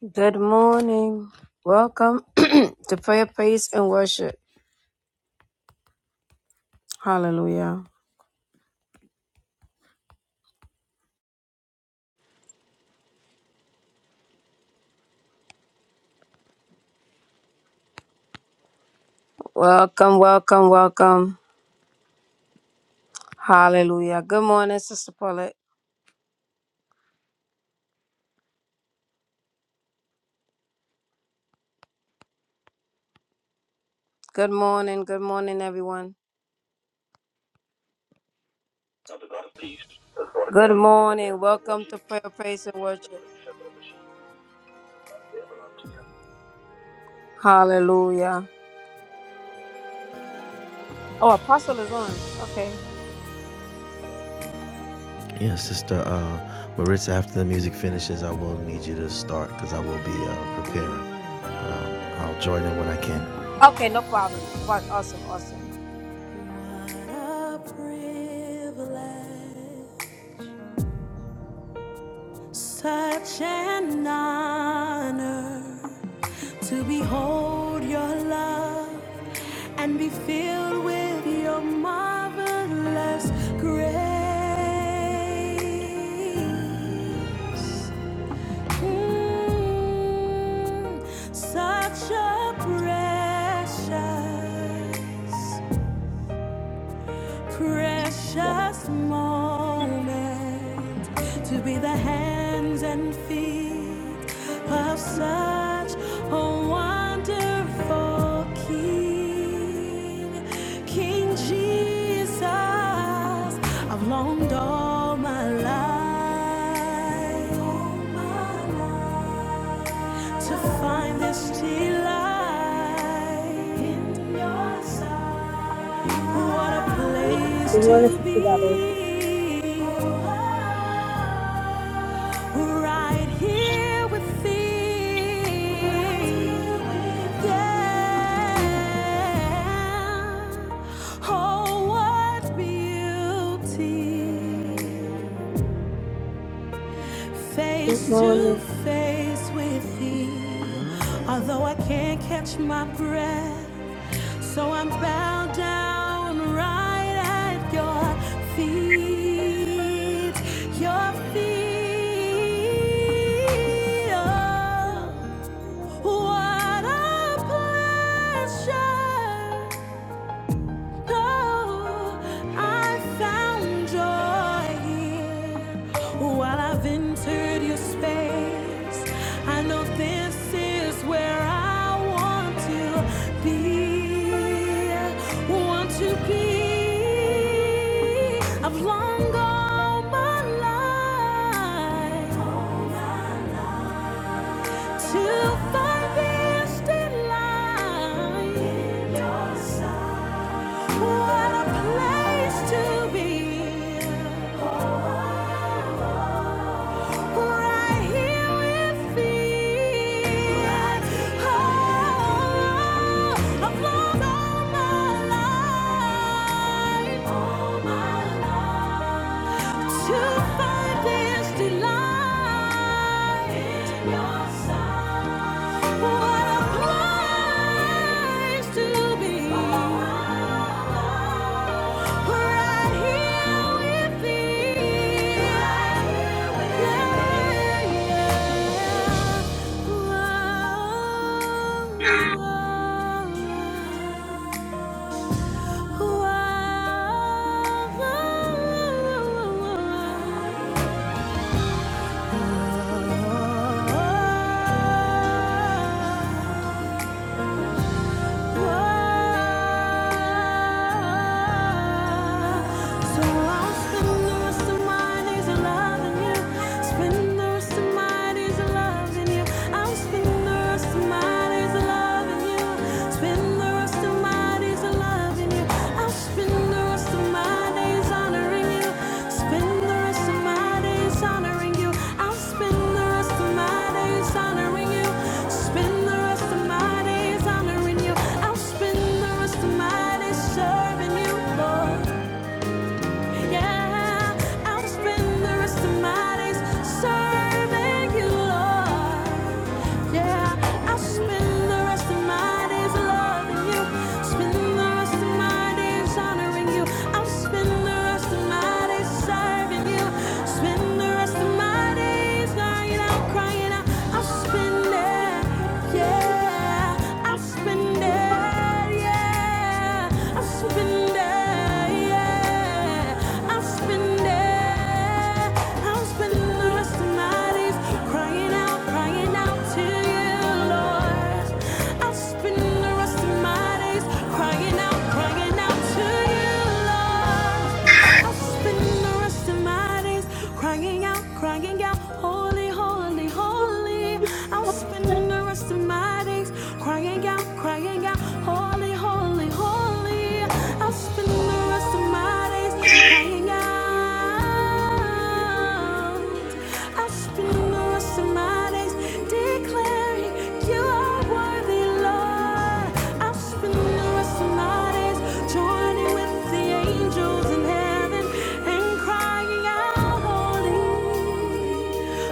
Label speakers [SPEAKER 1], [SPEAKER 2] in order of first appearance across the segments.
[SPEAKER 1] Good morning. Welcome to prayer, praise, and worship. Hallelujah. Welcome, welcome, welcome. Hallelujah. Good morning, Sister Paulette. Good morning, good morning, everyone. Good morning. Welcome to prayer, praise, and worship. Hallelujah. Oh, Apostle is on. Okay.
[SPEAKER 2] Yeah, Sister uh, Maritza, after the music finishes, I will need you to start because I will be uh, preparing. Um, I'll join in when I can. What
[SPEAKER 1] Okay, no problem. Wa- Awesome, awesome.
[SPEAKER 2] A privilege, such an honor to behold your love and be filled with your marvelous grace. Mm, Such a precious, precious moment to be the hands and feet of such a wonderful King, King Jesus. I've longed all my life. All my life to find this delight in your sight. What a place
[SPEAKER 1] Good morning,
[SPEAKER 2] to
[SPEAKER 1] Sister
[SPEAKER 2] be.
[SPEAKER 1] Valerie.
[SPEAKER 2] Right here with thee. Yeah. Oh, what beauty
[SPEAKER 1] Good
[SPEAKER 2] face to
[SPEAKER 1] morning.
[SPEAKER 2] face with thee. Although I can't catch my breath, so I'm bowed down right at your feet, your feet. Oh, what a pleasure Oh, I found joy here while I've entered your space. I know this is where I want to be. Want to be. I've longed all my life All my life. to find this delight in your sight. What a place to be. Right here with me. Oh, I've loved All my life. To find this delight in your sight. Wow. Spend the rest of my days loving you. I'll spend the rest of my days honoring you. Spend the rest of my days honoring you. I'll spend the rest of my days honoring you. Spend the rest of my days honoring you. I'll spend the rest of my days serving you, Lord. Yeah, I'll spend the rest of my days serving you, Lord. Yeah, I'll spend the rest of my days loving you. Spend the rest of my days honoring you. I'll spend the rest of my days serving you. Spend the rest of my days crying out, crying out. I'll spend it, yeah. I'll spend it, yeah spend it, yeah. I'll spend it. I'll spend the rest of my days crying out, crying out to you, Lord. I'll spend the rest of my days crying out, crying out to you, Lord. I'll spend the rest of my days crying out, crying out, holy, holy, holy. I'll spend the rest of my days crying out, crying crying out, Holy, holy, holy. I'll spend the rest of my days crying out. I'll spend the rest of my days declaring you are worthy, Lord. I'll spend the rest of my days joining with the angels in heaven and crying out, Holy,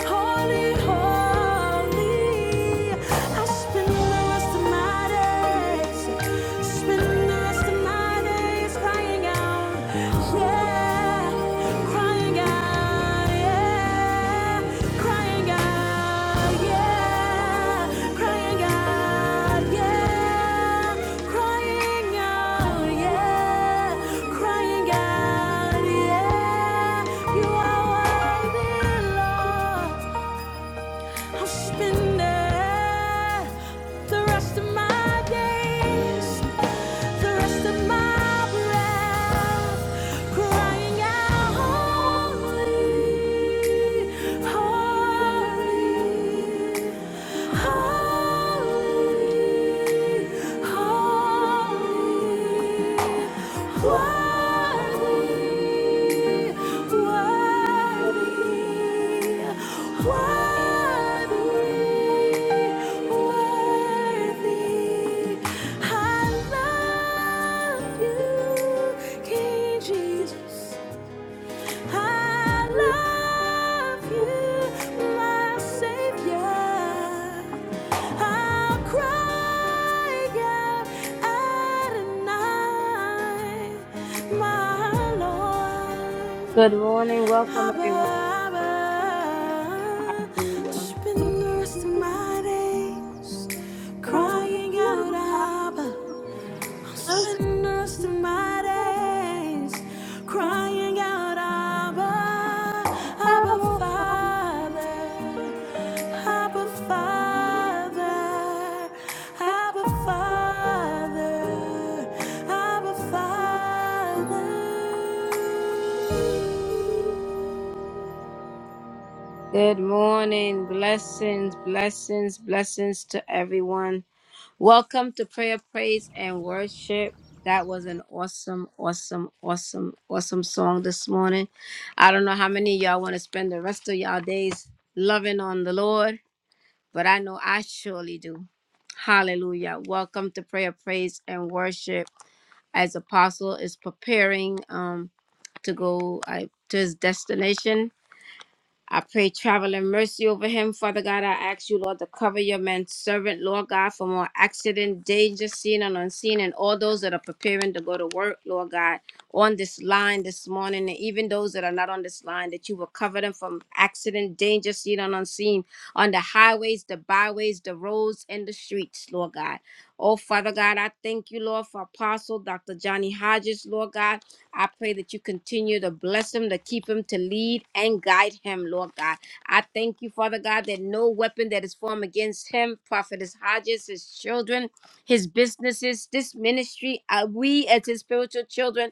[SPEAKER 2] holy, holy. I spend the rest of my days, spend the rest of my days crying out, yeah, crying out, yeah, crying out, yeah, crying out, yeah, crying out, yeah, yeah. You are worthy, Lord. I'll spend uh, the rest of my days, the rest of my breath, crying out, holy, holy, holy, holy. Worthy, worthy, worthy, worthy. I love you, King Jesus. I love you, my Savior. I'll cry out Adonai, my Lord.
[SPEAKER 1] Good morning. Welcome, everyone.
[SPEAKER 2] Abba,
[SPEAKER 1] Hallelujah.
[SPEAKER 2] Spend the rest of my days crying out, Abba. I'll spend the rest of my days crying out, Abba, Abba Father, Abba Father, Abba Father, Abba Father.
[SPEAKER 1] Good morning. Blessings, blessings, blessings to everyone. Welcome to prayer, praise, and worship. That was an awesome, awesome, awesome, awesome song this morning. I don't know how many of y'all want to spend the rest of y'all days loving on the Lord, but I know I surely do. Hallelujah. Welcome to prayer, praise, and worship as Apostle is preparing um, to go uh, to his destination. I pray travel and mercy over him. Father God, I ask you, Lord, to cover your man's servant, Lord God, from all accident, danger, seen and unseen, and all those that are preparing to go to work, Lord God, on this line this morning, and even those that are not on this line, that you will cover them from accident, danger, seen and unseen, on the highways, the byways, the roads, and the streets, Lord God. Oh, Father God, I thank you, Lord, for Apostle Dr. Johnny Hodges, Lord God. I pray that you continue to bless him, to keep him, to lead and guide him, Lord God. I thank you, Father God, that no weapon that is formed against him, Prophetess Hodges, his children, his businesses, this ministry, uh, we as his spiritual children,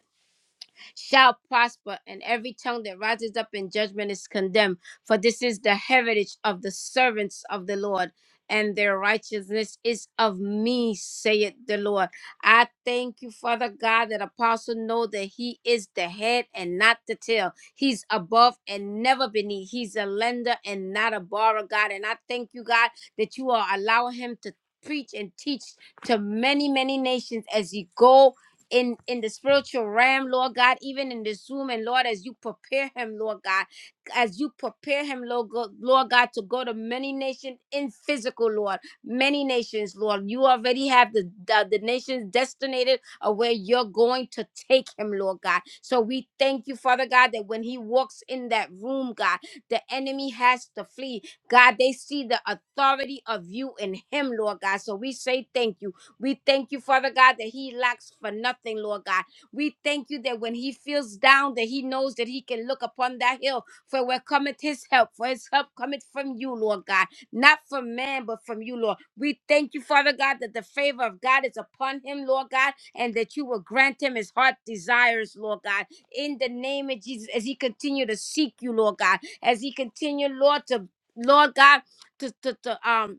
[SPEAKER 1] shall prosper, and every tongue that rises up in judgment is condemned. For this is the heritage of the servants of the Lord, and their righteousness is of me, saith the Lord. I thank you, Father God, that apostle know that he is the head and not the tail. He's above and never beneath. He's a lender and not a borrower, God. And I thank you, God, that you are allowing him to preach and teach to many, many nations as he go in in the spiritual realm, Lord God, even in this room, and Lord, as you prepare him, Lord God, as you prepare him, Lord, God, Lord God, to go to many nations in physical, Lord, many nations, Lord. You already have the, the, the nations designated of where you're going to take him, Lord God. So we thank you, Father God, that when he walks in that room, God, the enemy has to flee. God, they see the authority of you in him, Lord God. So we say thank you. We thank you, Father God, that he lacks for nothing, Lord God. We thank you that when he feels down, that he knows that he can look upon that hill, for where cometh his help, for his help cometh from you, Lord God, not from man, but from you, Lord. We thank you, Father God, that the favor of God is upon him, Lord God, and that you will grant him his heart desires, Lord God, in the name of Jesus, as he continue to seek you, Lord God, as he continue, Lord, to Lord God, to to, to um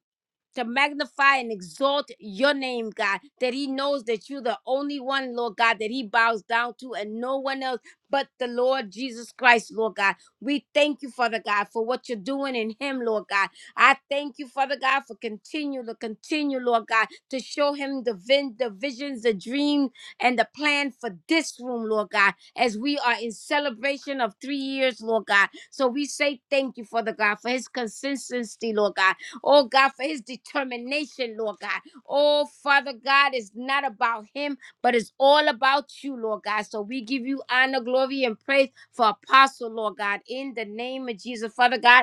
[SPEAKER 1] to magnify and exalt your name, God, that he knows that you're the only one, Lord God, that he bows down to and no one else but the Lord Jesus Christ, Lord God. We thank you, Father God, for what you're doing in him, Lord God. I thank you, Father God, for continue to continue, Lord God, to show him the, vin- the visions, the dream, and the plan for this room, Lord God, as we are in celebration of three years, Lord God. So we say thank you, Father God, for his consistency, Lord God Oh God, for his determination, Lord God. Oh Father God, it's not about him, but it's all about you, Lord God. So we give you honor, glory, and praise for Apostle, Lord God, in the name of Jesus. Father God,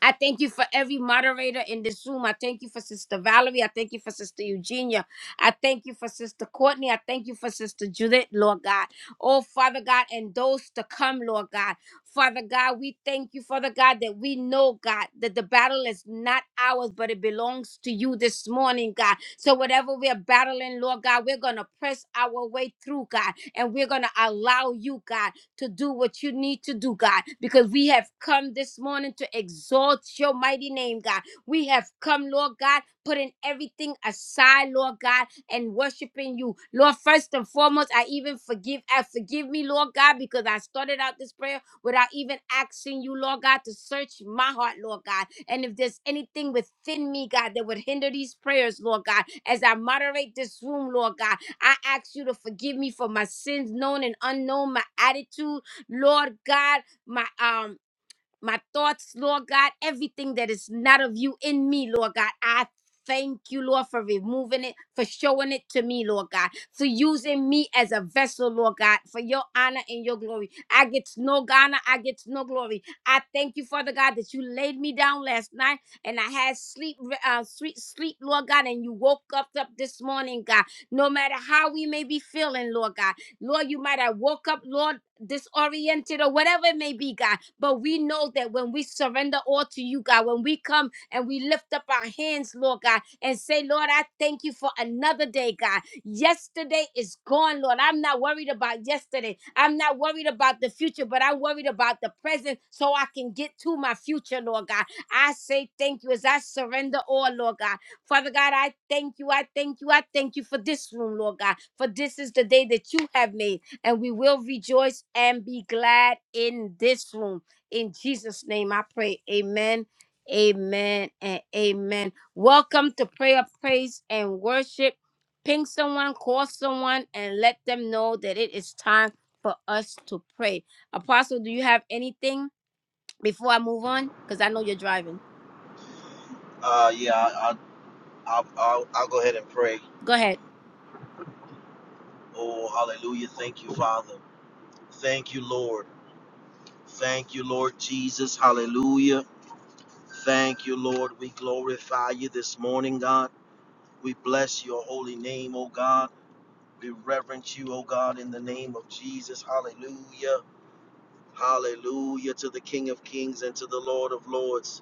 [SPEAKER 1] I thank you for every moderator in this room. I thank you for Sister Valerie. I thank you for Sister Eugenia. I thank you for Sister Courtney. I thank you for Sister Judith, Lord God. Oh, Father God, and those to come, Lord God. Father God, we thank you, Father God, that we know, God, that the battle is not ours, but it belongs to you this morning, God. So whatever we are battling, Lord God, we're going to press our way through, God, and we're going to allow you, God to do what you need to do, God, because we have come this morning to exalt your mighty name, God. We have come, Lord God, putting everything aside, Lord God, and worshiping you. Lord, first and foremost, I even forgive, I forgive me, Lord God, because I started out this prayer without even asking you, Lord God, to search my heart, Lord God. And if there's anything within me, God, that would hinder these prayers, Lord God, as I moderate this room, Lord God. I ask you to forgive me for my sins, known and unknown, my attitude, Lord God, my um my thoughts, Lord God, everything that is not of you in me, Lord God. I thank you, Lord, for removing it, for showing it to me, Lord God, for using me as a vessel, Lord God, for your honor and your glory. I get no honor, I get no glory. I thank you, Father God, that you laid me down last night and I had sleep, uh, sweet sleep, Lord God, and you woke up, up this morning, God. No matter how we may be feeling, Lord God, Lord, you might have woke up, Lord, disoriented or whatever it may be, God. But we know that when we surrender all to you, God, when we come and we lift up our hands, Lord God, and say, Lord, I thank you for another day, God. Yesterday is gone, Lord. I'm not worried about yesterday. I'm not worried about the future, but I'm worried about the present so I can get to my future, Lord God. I say thank you as I surrender all, Lord God. Father God, I thank you. I thank you. I thank you for this room, Lord God. For this is the day that you have made, and we will rejoice and be glad in this room. In Jesus' name I pray. Amen. Amen and amen. Welcome to prayer, praise, and worship. Ping someone, call someone, and let them know that it is time for us to pray. Apostle, do you have anything before I move on? Because I know you're driving.
[SPEAKER 3] Uh, yeah, I, I, I, I'll, I'll go ahead and pray.
[SPEAKER 1] Go ahead.
[SPEAKER 3] Oh, hallelujah. Thank you, Father. Thank you, Lord. Thank you, Lord Jesus. Hallelujah. Thank you, Lord. We glorify you this morning, God. We bless your holy name, oh God. We reverence you, oh God, in the name of Jesus. Hallelujah. Hallelujah to the King of Kings and to the Lord of Lords.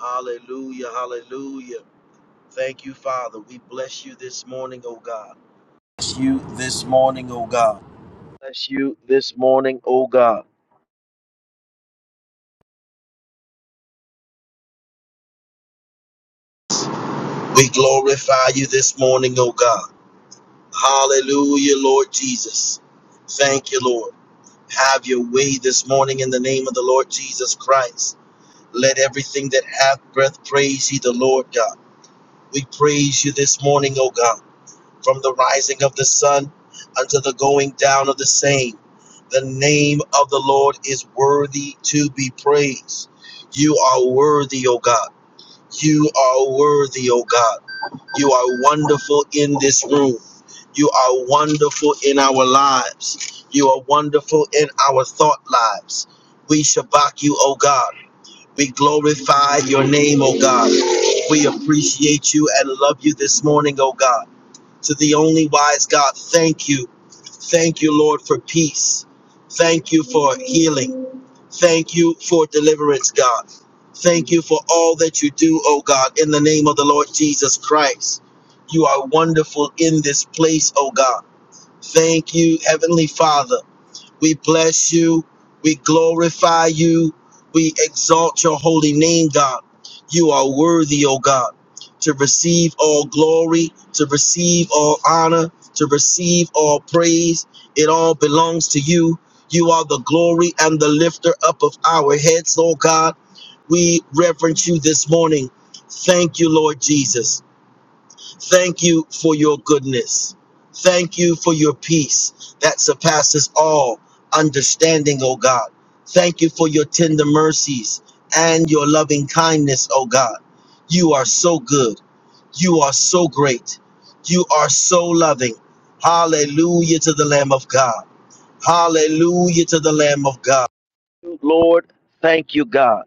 [SPEAKER 3] Hallelujah. Hallelujah. Thank you, Father. We bless you this morning, oh God. Bless you this morning, O God. Bless you this morning, O God. We glorify you this morning, O God. Hallelujah, Lord Jesus. Thank you, Lord. Have your way this morning in the name of the Lord Jesus Christ. Let everything that hath breath praise ye, the Lord God. We praise you this morning, O God. from the rising of the sun unto the going down of the same. The name of the Lord is worthy to be praised. You are worthy, O God. You are worthy, O God. You are wonderful in this room. You are wonderful in our lives. You are wonderful in our thought lives. We shabak you, O God. We glorify your name, O God. We appreciate you and love you this morning, O God to the only wise God. Thank you. Thank you, Lord, for peace. Thank you for healing. Thank you for deliverance, God. Thank you for all that you do, oh God, in the name of the Lord Jesus Christ. You are wonderful in this place, oh God. Thank you, Heavenly Father. We bless you. We glorify you. We exalt your holy name, God. You are worthy, O God, to receive all glory, to receive all honor, to receive all praise. It all belongs to you. You are the glory and the lifter up of our heads, O God. We reverence you this morning. Thank you, Lord Jesus. Thank you for your goodness. Thank you for your peace that surpasses all understanding, O God. Thank you for your tender mercies and your loving kindness, O God. You are so good. You are so great. You are so loving. Hallelujah to the Lamb of God. Hallelujah to the Lamb of God. Lord, thank you, God.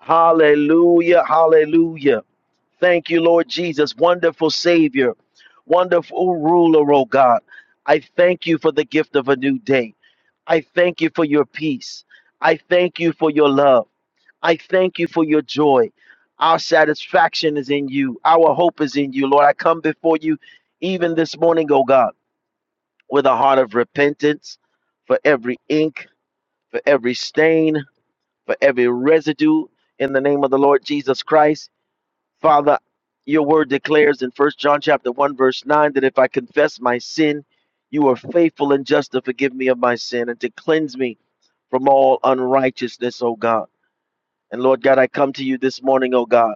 [SPEAKER 3] Hallelujah, hallelujah. Thank you, Lord Jesus, wonderful Savior, wonderful ruler, oh God. I thank you for the gift of a new day. I thank you for your peace. I thank you for your love. I thank you for your joy. Our satisfaction is in you. Our hope is in you, Lord. I come before you even this morning, oh God, with a heart of repentance for every ink, for every stain, for every residue in the name of the Lord Jesus Christ. Father, your word declares in 1 John chapter 1 verse 9 that if I confess my sin, you are faithful and just to forgive me of my sin and to cleanse me from all unrighteousness, O God. And Lord God, I come to you this morning, O God.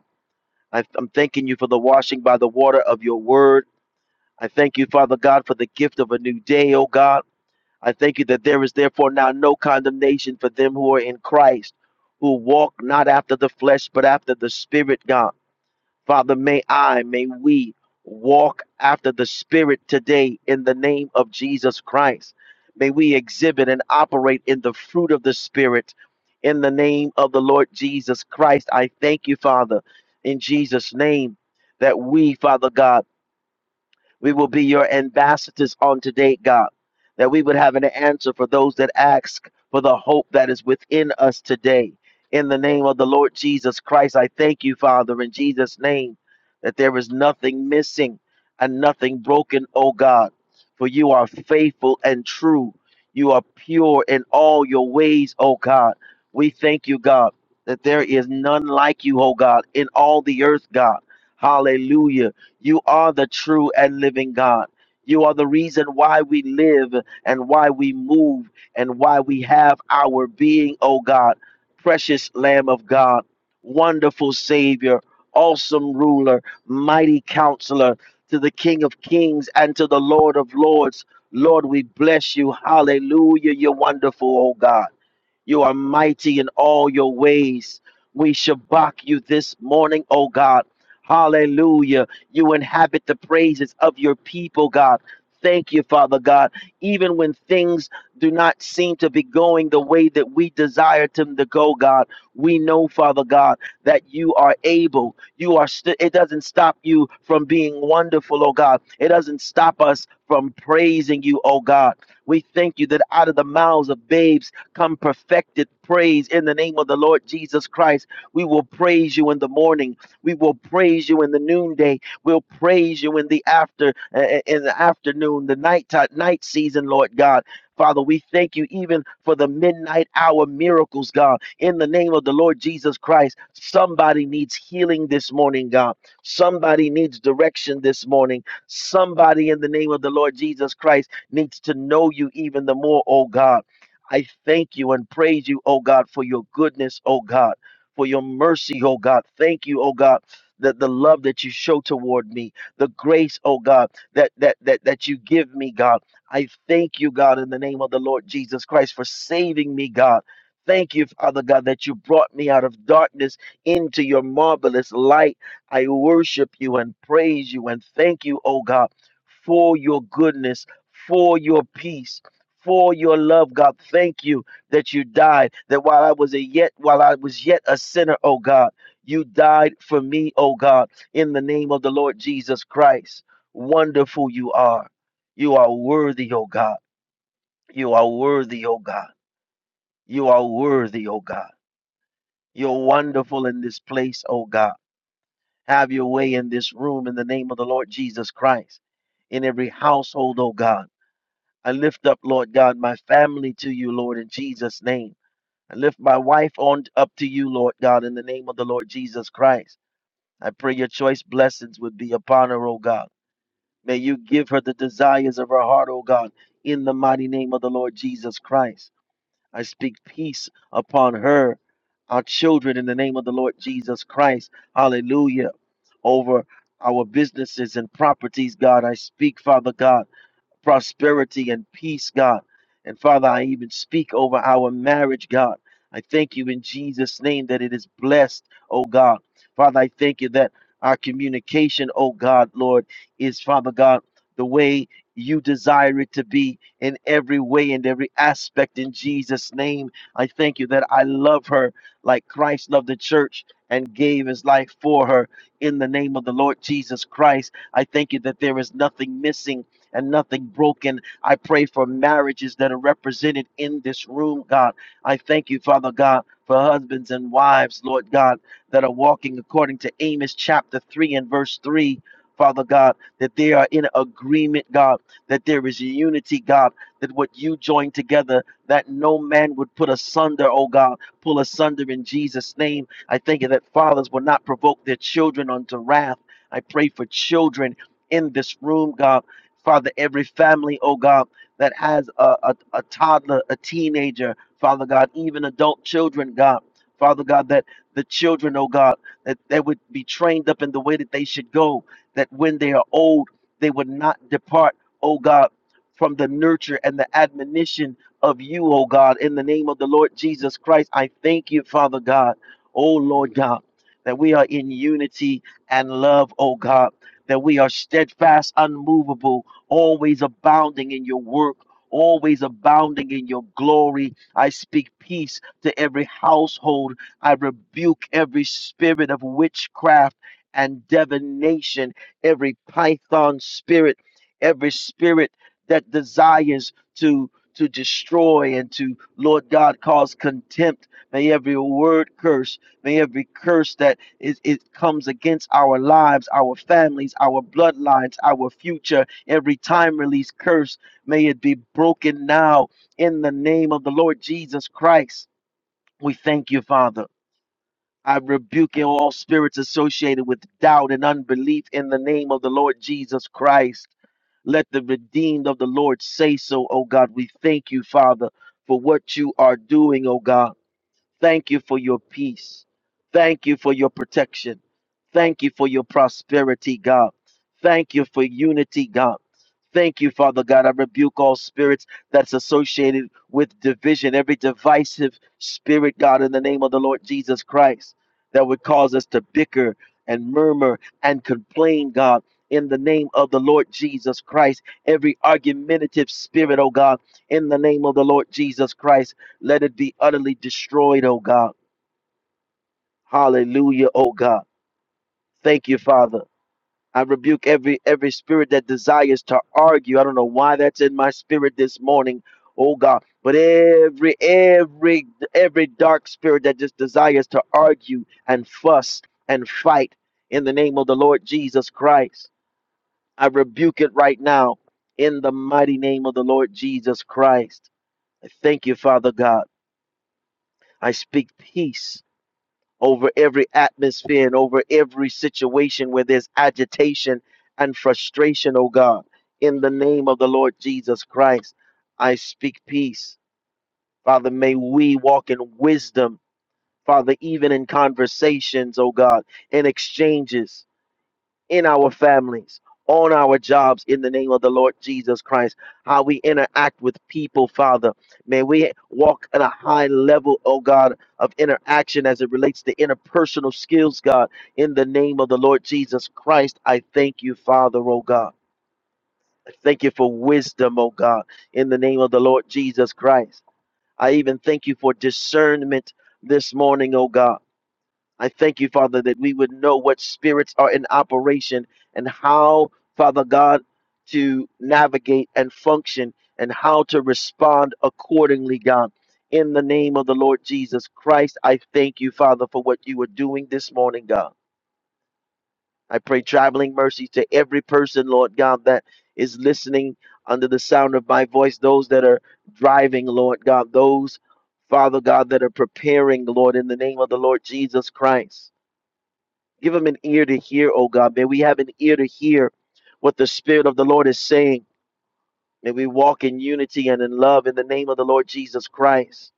[SPEAKER 3] I, I'm thanking you for the washing by the water of your word. I thank you, Father God, for the gift of a new day, O God. I thank you that there is therefore now no condemnation for them who are in Christ, who walk not after the flesh, but after the Spirit, God. Father, may I, may we walk after the Spirit today in the name of Jesus Christ. May we exhibit and operate in the fruit of the Spirit in the name of the Lord Jesus Christ. I thank you, Father, in Jesus' name, that we, Father God, we will be your ambassadors on today, God, that we would have an answer for those that ask for the hope that is within us today. In the name of the Lord Jesus Christ, I thank you, Father, in Jesus' name, that there is nothing missing and nothing broken, O God, for you are faithful and true. You are pure in all your ways, O God. We thank you, God, that there is none like you, O God, in all the earth, God. Hallelujah. You are the true and living God. You are the reason why we live and why we move and why we have our being, O God. Precious Lamb of God, wonderful Savior, awesome ruler, mighty counselor, to the King of kings and to the Lord of lords. Lord, we bless you. Hallelujah. You're wonderful, O God. You are mighty in all your ways. We shabak you this morning, oh God. Hallelujah. You inhabit the praises of your people, God. Thank you, Father God. Even when things do not seem to be going the way that we desire them to go, God, we know, Father God, that you are able. You are. St- it doesn't stop you from being wonderful, oh God. It doesn't stop us from praising you, oh God. We thank you that out of the mouths of babes come perfected praise in the name of the Lord Jesus Christ. We will praise you in the morning. We will praise you in the noonday. We'll praise you in the after uh, uh, in the afternoon, the night night season, Lord God. Father, we thank you even for the midnight hour miracles, God. In the name of the Lord Jesus Christ, somebody needs healing this morning, God. Somebody needs direction this morning. Somebody in the name of the Lord Jesus Christ needs to know you even the more, oh God. I thank you and praise you, oh God, for your goodness, oh God, for your mercy, oh God. Thank you, oh God. That the love that you show toward me, the grace, oh God, that that that that you give me, God. I thank you, God, in the name of the Lord Jesus Christ for saving me, God. Thank you, Father God, that you brought me out of darkness into your marvelous light. I worship you and praise you and thank you, oh God, for your goodness, for your peace, for your love, God. Thank you that you died. That while I was a yet while I was yet a sinner, oh God, you died for me, oh God, in the name of the Lord Jesus Christ. Wonderful you are. You are worthy, oh God. You are worthy, oh God. You are worthy, oh God. You're wonderful in this place, oh God. Have your way in this room in the name of the Lord Jesus Christ. In every household, oh God. I lift up, Lord God, my family to you, Lord, in Jesus' name. I lift my wife on up to you, Lord God, in the name of the Lord Jesus Christ. I pray your choice blessings would be upon her, O God. May you give her the desires of her heart, O God, in the mighty name of the Lord Jesus Christ. I speak peace upon her, our children, in the name of the Lord Jesus Christ. Hallelujah. Over our businesses and properties, God. I speak, Father God prosperity and peace, God. And Father, I even speak over our marriage, God. I thank you in Jesus' name that it is blessed, oh God. Father, I thank you that our communication, oh God, Lord, is, Father God, the way you desire it to be in every way and every aspect in Jesus' name. I thank you that I love her like Christ loved the church and gave his life for her in the name of the Lord Jesus Christ. I thank you that there is nothing missing and nothing broken. I pray for marriages that are represented in this room, God. I thank you, Father God, for husbands and wives, Lord God, that are walking according to Amos chapter 3 and verse 3. Father God, that they are in agreement, God, that there is unity, God, that what you join together, that no man would put asunder, oh God, pull asunder in Jesus' name. I thank you that fathers will not provoke their children unto wrath. I pray for children in this room, God Father, every family, oh God, that has a, a, a toddler, a teenager, Father God, even adult children, God. Father God, that the children, oh God, that they would be trained up in the way that they should go, that when they are old, they would not depart, oh God, from the nurture and the admonition of you, oh God, in the name of the Lord Jesus Christ. I thank you, Father God, oh Lord God, that we are in unity and love, oh God, that we are steadfast, unmovable, always abounding in your work, always abounding in your glory. I speak peace to every household. I rebuke every spirit of witchcraft and divination, every python spirit, every spirit that desires to. To destroy and to, Lord God, cause contempt. May every word curse, may every curse that is, it comes against our lives, our families, our bloodlines, our future. Every time release curse, may it be broken now in the name of the Lord Jesus Christ. We thank you, Father. I rebuke all spirits associated with doubt and unbelief in the name of the Lord Jesus Christ. Let the redeemed of the Lord say so, O God. We thank you, Father, for what you are doing, O God. Thank you for your peace. Thank you for your protection. Thank you for your prosperity, God. Thank you for unity, God. Thank you, Father God. I rebuke all spirits that's associated with division, every divisive spirit, God, in the name of the Lord Jesus Christ, that would cause us to bicker and murmur and complain, God, in the name of the Lord Jesus Christ. Every argumentative spirit, oh God, in the name of the Lord Jesus Christ. Let it be utterly destroyed, oh God. Hallelujah, oh God. Thank you, Father. I rebuke every every spirit that desires to argue. I don't know why that's in my spirit this morning, oh God. But every every every dark spirit that just desires to argue and fuss and fight in the name of the Lord Jesus Christ. I rebuke it right now in the mighty name of the Lord Jesus Christ. I thank you, Father God. I speak peace over every atmosphere and over every situation where there's agitation and frustration, oh God. In the name of the Lord Jesus Christ, I speak peace. Father, may we walk in wisdom, Father, even in conversations, oh God, in exchanges in our families, on our jobs, in the name of the Lord Jesus Christ, how we interact with people, Father. May we walk at a high level, oh God, of interaction as it relates to interpersonal skills, God, in the name of the Lord Jesus Christ. I thank you, Father, oh God. I Thank you for wisdom, oh God, in the name of the Lord Jesus Christ. I even thank you for discernment this morning, oh God. I thank you, Father, that we would know what spirits are in operation and how, Father God, to navigate and function and how to respond accordingly, God. In the name of the Lord Jesus Christ, I thank you, Father, for what you are doing this morning, God. I pray traveling mercy to every person, Lord God, that is listening under the sound of my voice, those that are driving, Lord God, those, Father God, that are preparing, Lord, in the name of the Lord Jesus Christ. Give them an ear to hear, oh God. May we have an ear to hear what the Spirit of the Lord is saying. May we walk in unity and in love in the name of the Lord Jesus Christ.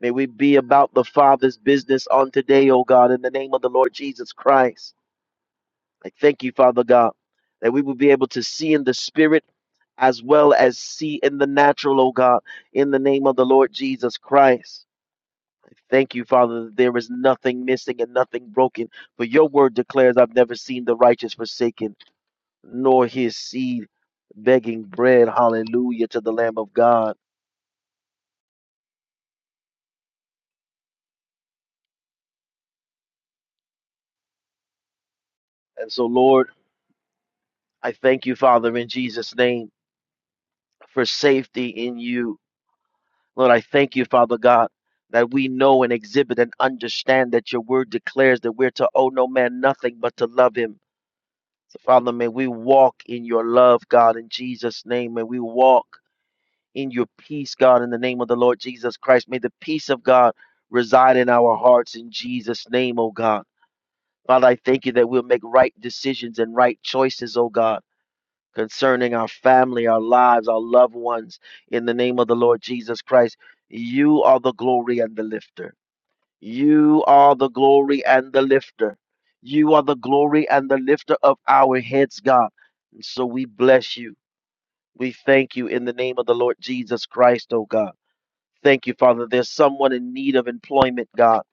[SPEAKER 3] May we be about the Father's business on today, oh God, in the name of the Lord Jesus Christ. I thank you, Father God, that we will be able to see in the Spirit as well as see in the natural, oh God, in the name of the Lord Jesus Christ. I Thank you, Father, that there is nothing missing and nothing broken. For your word declares, I've never seen the righteous forsaken nor his seed begging bread. Hallelujah to the Lamb of God. And so, Lord, I thank you, Father, in Jesus' name for safety in you. Lord, I thank you, Father God, that we know and exhibit and understand that your word declares that we're to owe no man nothing but to love him. So, Father, may we walk in your love, God, in Jesus' name. May we walk in your peace, God, in the name of the Lord Jesus Christ. May the peace of God reside in our hearts in Jesus' name, oh God. Father, I thank you that we'll make right decisions and right choices, oh God, concerning our family, our lives, our loved ones. In the name of the Lord Jesus Christ, you are the glory and the lifter. You are the glory and the lifter. You are the glory and the lifter of our heads, God. And so we bless you. We thank you in the name of the Lord Jesus Christ, oh God. Thank you, Father. There's someone in need of employment, God.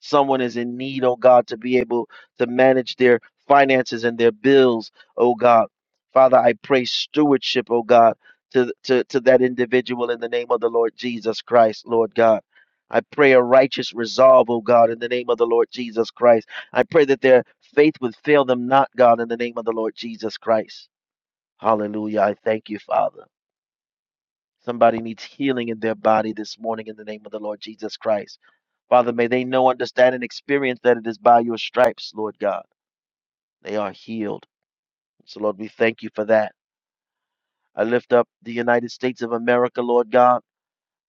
[SPEAKER 3] Someone is in need, oh God, to be able to manage their finances and their bills, oh God. Father, I pray stewardship, oh God, to, to, to that individual in the name of the Lord Jesus Christ, Lord God. I pray a righteous resolve, oh God, in the name of the Lord Jesus Christ. I pray that their faith would fail them not, God, in the name of the Lord Jesus Christ. Hallelujah. I thank you, Father. Somebody needs healing in their body this morning in the name of the Lord Jesus Christ. Father, may they know, understand, and experience that it is by your stripes, Lord God. They are healed. So, Lord, we thank you for that. I lift up the United States of America, Lord God,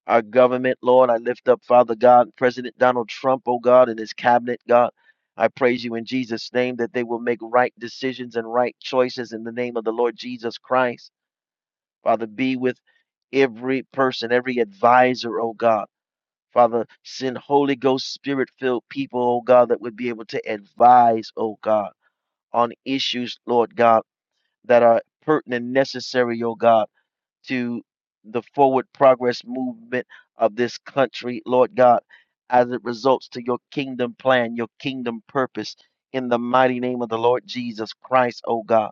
[SPEAKER 3] our government, Lord. I lift up, Father God, President Donald Trump, oh God, and his cabinet, God. I praise you in Jesus' name that they will make right decisions and right choices in the name of the Lord Jesus Christ. Father, be with every person, every advisor, oh God. Father, send Holy Ghost Spirit filled people, oh God, that would be able to advise, oh God, on issues, Lord God, that are pertinent and necessary, oh God, to the forward progress movement of this country, Lord God, as it results to your kingdom plan, your kingdom purpose, in the mighty name of the Lord Jesus Christ, oh God.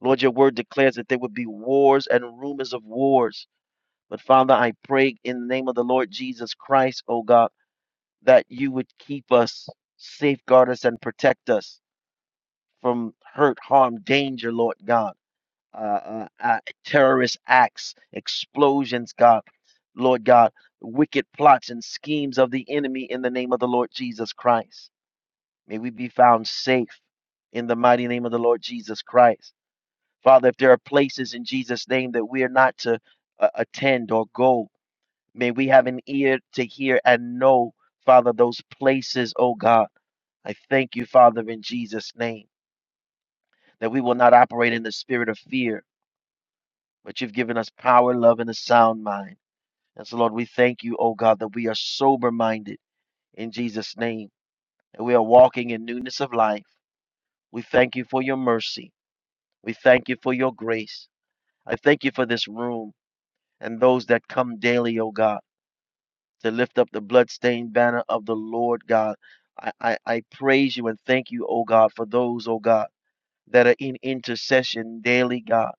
[SPEAKER 3] Lord, your word declares that there would be wars and rumors of wars. But Father, I pray in the name of the Lord Jesus Christ, oh God that you would keep us, safeguard us, and protect us from hurt, harm, danger, Lord God. Uh, uh, uh, terrorist acts, explosions, God, Lord God, wicked plots and schemes of the enemy in the name of the Lord Jesus Christ. May we be found safe in the mighty name of the Lord Jesus Christ. Father, if there are places in Jesus' name that we are not to uh, attend or go, may we have an ear to hear and know, Father, those places, oh God I thank you, Father, in Jesus' name, that we will not operate in the spirit of fear, but you've given us power, love, and a sound mind. And so, Lord, we thank you, oh God, that we are sober minded in Jesus' name, and we are walking in newness of life. We thank you for your mercy. We thank you for your grace. I thank you for this room and those that come daily, oh God, to lift up the bloodstained banner of the Lord God. I, I, I praise you and thank you, oh God, for those, oh God, that are in intercession daily, God.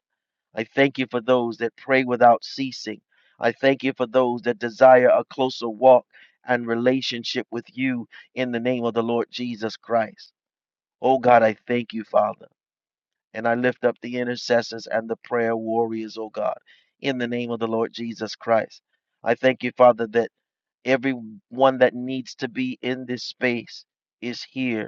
[SPEAKER 3] I thank you for those that pray without ceasing. I thank you for those that desire a closer walk and relationship with you in the name of the Lord Jesus Christ. Oh God, I thank you, Father. And I lift up the intercessors and the prayer warriors, oh God, in the name of the Lord Jesus Christ. I thank you, Father, that everyone that needs to be in this space is here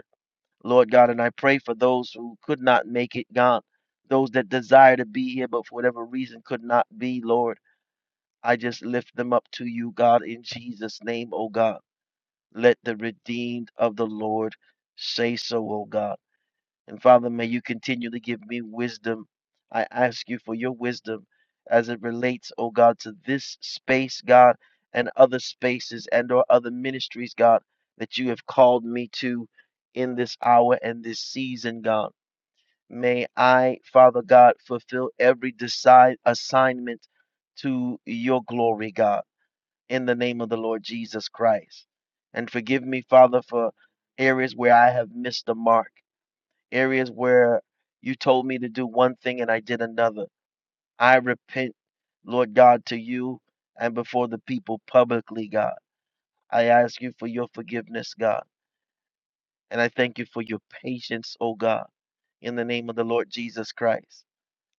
[SPEAKER 3] Lord God, and I pray for those who could not make it, God, those that desire to be here but for whatever reason could not be, Lord. I just lift them up to you, God, in Jesus' name, O God. Let the redeemed of the Lord say so, O God. And Father, may you continually give me wisdom. I ask you for your wisdom as it relates, oh God, to this space, God, and other spaces and or other ministries, God, that you have called me to in this hour and this season, God. May I, Father God, fulfill every decide assignment to your glory, God, in the name of the Lord Jesus Christ. And forgive me, Father, for areas where I have missed the mark areas where you told me to do one thing and I did another. I repent, Lord God, to you and before the people publicly, God. I ask you for your forgiveness, God. And I thank you for your patience, O God, in the name of the Lord Jesus Christ.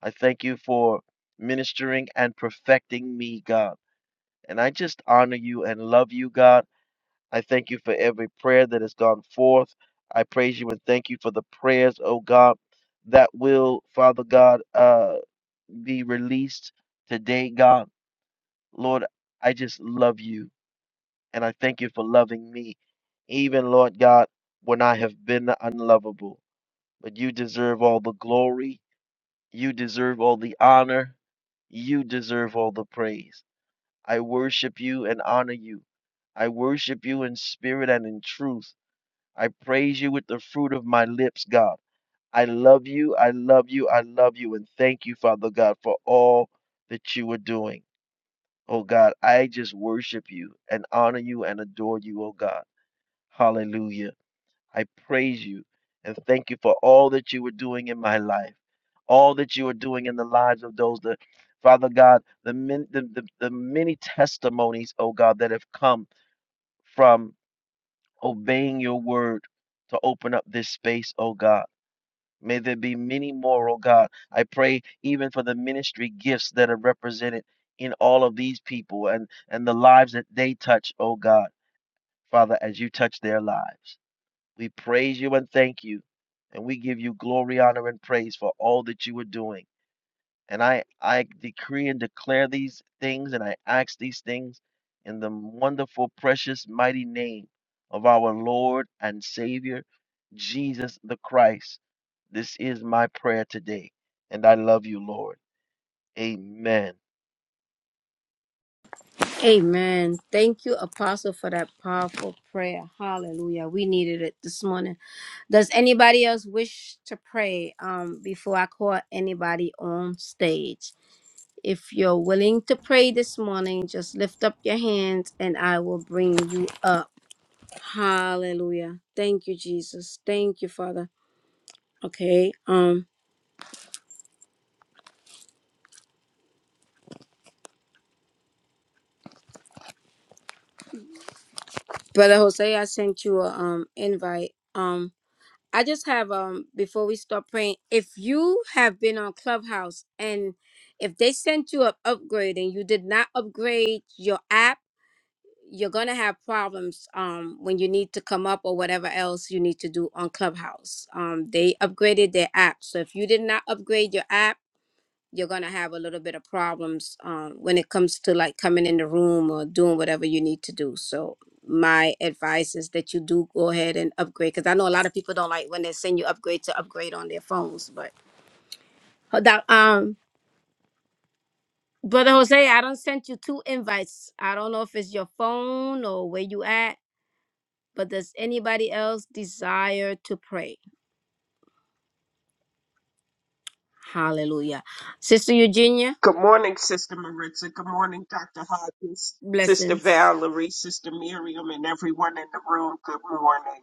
[SPEAKER 3] I thank you for ministering and perfecting me, God. And I just honor you and love you, God. I thank you for every prayer that has gone forth. I praise you and thank you for the prayers, oh God, that will, Father God, uh, be released today, God. Lord, I just love you and I thank you for loving me, even, Lord God, when I have been unlovable. But you deserve all the glory, you deserve all the honor, you deserve all the praise. I worship you and honor you. I worship you in spirit and in truth. I praise you with the fruit of my lips, God. I love you. I love you. I love you. And thank you, Father God, for all that you are doing. Oh God, I just worship you and honor you and adore you, oh God. Hallelujah. I praise you and thank you for all that you are doing in my life, all that you are doing in the lives of those that, Father God, the, min, the, the, the many testimonies, oh God, that have come from obeying your word to open up this space, oh God. May there be many more, oh God. I pray even for the ministry gifts that are represented in all of these people and, and the lives that they touch, oh God. Father, as you touch their lives, we praise you and thank you. And we give you glory, honor, and praise for all that you are doing. And I, I decree and declare these things and I ask these things in the wonderful, precious, mighty name of our Lord and Savior, Jesus the Christ. This is my prayer today. And I love you, Lord. Amen.
[SPEAKER 1] Amen. Thank you, Apostle, for that powerful prayer. Hallelujah. We needed it this morning. Does anybody else wish to pray um, before I call anybody on stage? If you're willing to pray this morning, just lift up your hands and I will bring you up. Hallelujah. Thank you, Jesus. Thank you, Father. Okay. Um, Brother Jose, I sent you a um invite. Um, I just have um before we start praying, if you have been on Clubhouse and if they sent you an upgrade and you did not upgrade your app you're going to have problems um, when you need to come up or whatever else you need to do on Clubhouse. Um, they upgraded their app. So if you did not upgrade your app, you're going to have a little bit of problems um, when it comes to like coming in the room or doing whatever you need to do. So my advice is that you do go ahead and upgrade because I know a lot of people don't like when they send you upgrade to upgrade on their phones. But Hold on, um, Brother Jose, I don't sent you two invites. I don't know if it's your phone or where you at But does anybody else desire to pray? Hallelujah. Sister Eugenia,
[SPEAKER 4] Good morning, Sister Maritza. Good morning, Dr. Hodges, Sister
[SPEAKER 1] blessings.
[SPEAKER 4] Valerie, Sister Miriam, and everyone in the room. Good morning.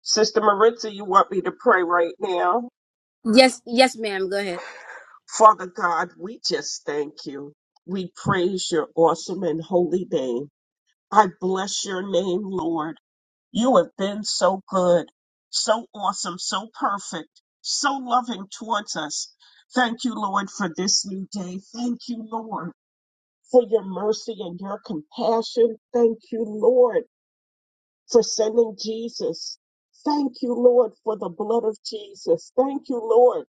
[SPEAKER 4] Sister Maritza, you want me to pray right now?
[SPEAKER 1] Yes, yes, ma'am. Go ahead.
[SPEAKER 4] Father God, we just thank you. We praise your awesome and holy name. I bless your name, Lord. You have been so good, so awesome, so perfect, so loving towards us. Thank you, Lord, for this new day. Thank you, Lord for your mercy and your compassion. Thank you, Lord, for sending Jesus. Thank you, Lord, for the blood of Jesus. Thank you, Lord,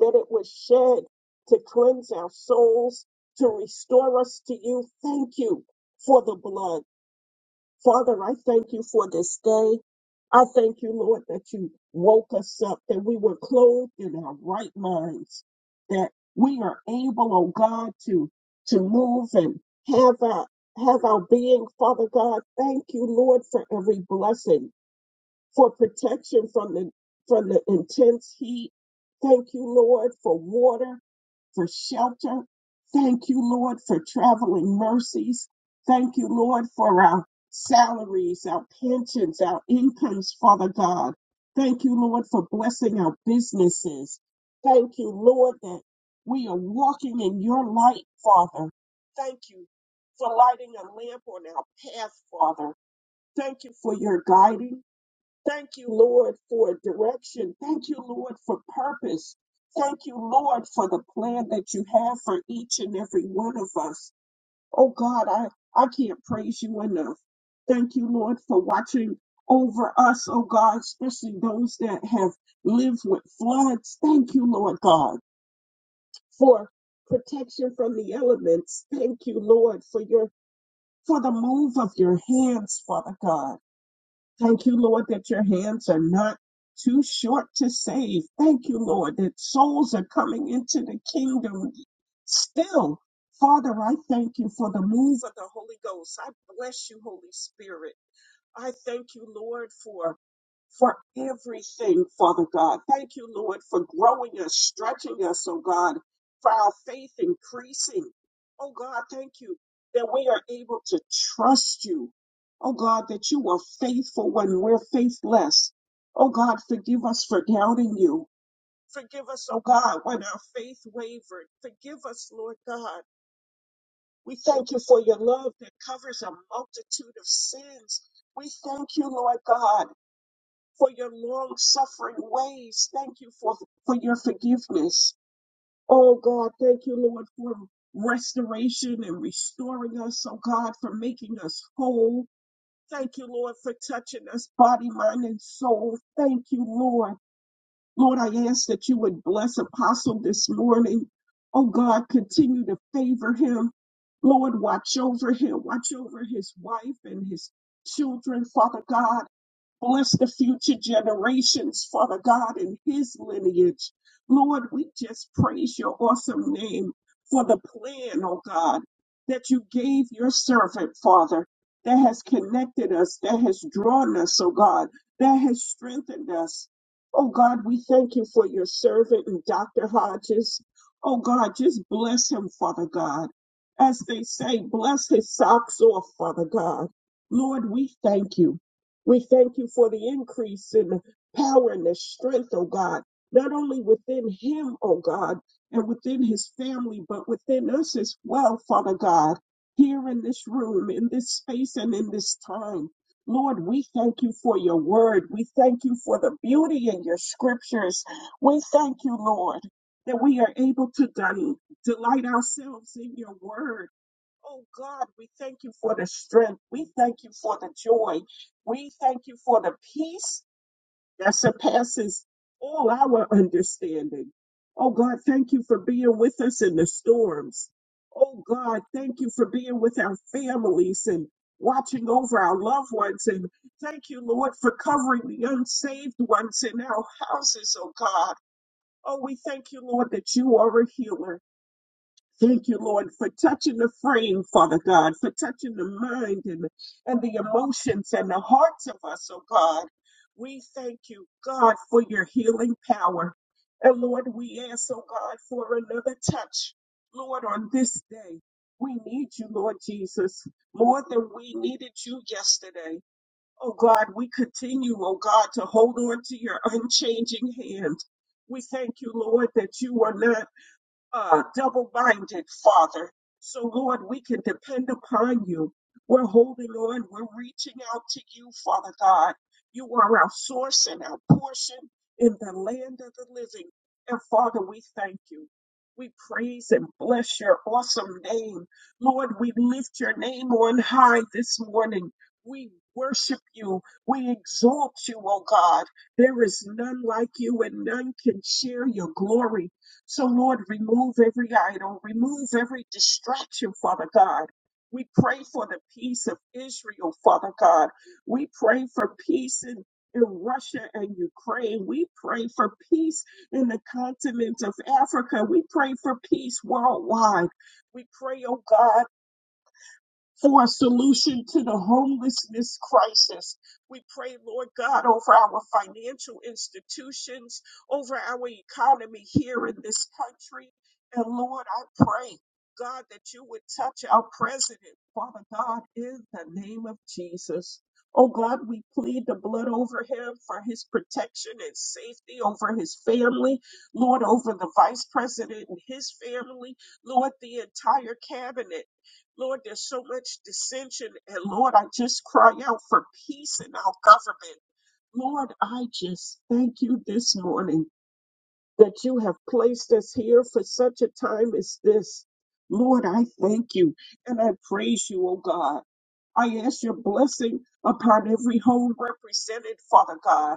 [SPEAKER 4] that it was shed to cleanse our souls, to restore us to you. Thank you for the blood. Father, I thank you for this day. I thank you, Lord, that you woke us up, that we were clothed in our right minds, that we are able, oh God, to, to move and have our, have our being. Father God, thank you, Lord, for every blessing for protection from the from the intense heat. Thank you, Lord, for water, for shelter. Thank you, Lord, for traveling mercies. Thank you, Lord, for our salaries, our pensions, our incomes, Father God. Thank you, Lord, for blessing our businesses. Thank you, Lord, that we are walking in your light, Father. Thank you for lighting a lamp on our path, Father. Thank you for your guiding. Thank you, Lord, for direction. Thank you, Lord, for purpose. Thank you, Lord, for the plan that you have for each and every one of us. Oh God, I, I can't praise you enough. Thank you, Lord, for watching over us, oh God, especially those that have lived with floods. Thank you, Lord God, for protection from the elements. Thank you, Lord, for your for the move of your hands, Father God. Thank you, Lord, that your hands are not too short to save. Thank you, Lord, that souls are coming into the kingdom still. Father, I thank you for the move of the Holy Ghost. I bless you, Holy Spirit. I thank you, Lord, for for everything, Father God. Thank you, Lord, for growing us, stretching us, oh God, for our faith increasing. Oh God, thank you that we are able to trust you. Oh God, that you are faithful when we're faithless. Oh God, forgive us for doubting you. Forgive us, oh God, when our faith wavered. Forgive us, Lord God. We thank you for your love that covers a multitude of sins. We thank you, Lord God, for your long suffering ways. Thank you for, for your forgiveness. Oh God, thank you, Lord, for restoration and restoring us. Oh God, for making us whole. Thank you, Lord, for touching us body, mind, and soul. Thank you, Lord. Lord, I ask that you would bless Apostle this morning. Oh God, continue to favor him. Lord, watch over him. Watch over his wife and his children, Father God. Bless the future generations, Father God, and his lineage. Lord, we just praise your awesome name for the plan, oh God, that you gave your servant, Father, that has connected us, that has drawn us, oh God, that has strengthened us. Oh God, we thank you for your servant and Dr. Hodges. Oh God, just bless him, Father God. As they say, bless his socks off, Father God. Lord, we thank you. We thank you for the increase in the power and the strength, oh God, not only within him, oh God, and within his family, but within us as well, Father God, here in this room, in this space, and in this time. Lord, we thank you for your word. We thank you for the beauty in your scriptures. We thank you, Lord, that we are able to del- delight ourselves in your word Oh God, we thank you for the strength. We thank you for the joy. We thank you for the peace that surpasses all our understanding. Oh God, thank you for being with us in the storms. Oh God, thank you for being with our families and watching over our loved ones. And thank you, Lord, for covering the unsaved ones in our houses, oh God. Oh, we thank you, Lord, that you are a healer. Thank you, Lord, for touching the frame, Father God, for touching the mind and, and the emotions and the hearts of us, oh God. We thank you, God, for your healing power. And Lord, we ask, oh God, for another touch, Lord, on this day. We need you, Lord Jesus, more than we needed you yesterday. Oh God, we continue, oh God, to hold on to your unchanging hand. We thank you, Lord, that you are not uh, double minded, Father. So, Lord, we can depend upon you. We're holding on. We're reaching out to you, Father God. You are our source and our portion in the land of the living. And, Father, we thank you. We praise and bless your awesome name. Lord, we lift your name on high this morning. We worship you. We exalt you, O God. There is none like you, and none can share your glory. So, Lord, remove every idol, remove every distraction, Father God. We pray for the peace of Israel, Father God. We pray for peace in, in Russia and Ukraine. We pray for peace in the continent of Africa. We pray for peace worldwide. We pray, oh God for a solution to the homelessness crisis. We pray, Lord God, over our financial institutions, over our economy here in this country. And Lord, I pray, God, that you would touch our president, Father God, in the name of Jesus. Oh God, we plead the blood over him for his protection and safety over his family. Lord, over the vice president and his family. Lord, the entire cabinet. Lord, there's so much dissension. And Lord, I just cry out for peace in our government. Lord, I just thank you this morning that you have placed us here for such a time as this. Lord, I thank you and I praise you, oh God. I ask your blessing upon every home represented, Father God.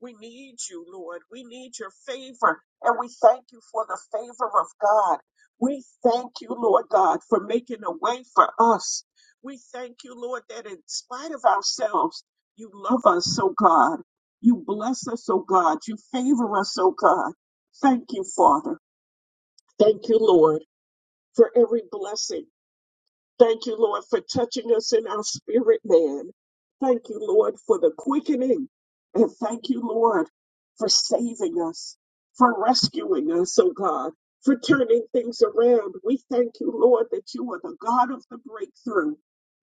[SPEAKER 4] We need you, Lord. We need your favor, and we thank you for the favor of God. We thank you, Lord God, for making a way for us. We thank you, Lord, that in spite of ourselves, you love us, oh God. You bless us, oh God. You favor us, oh God. Thank you, Father. Thank you, Lord, for every blessing. Thank you, Lord, for touching us in our spirit, man. Thank you, Lord, for the quickening. And thank you, Lord, for saving us, for rescuing us, oh God, for turning things around. We thank you, Lord, that you are the God of the breakthrough.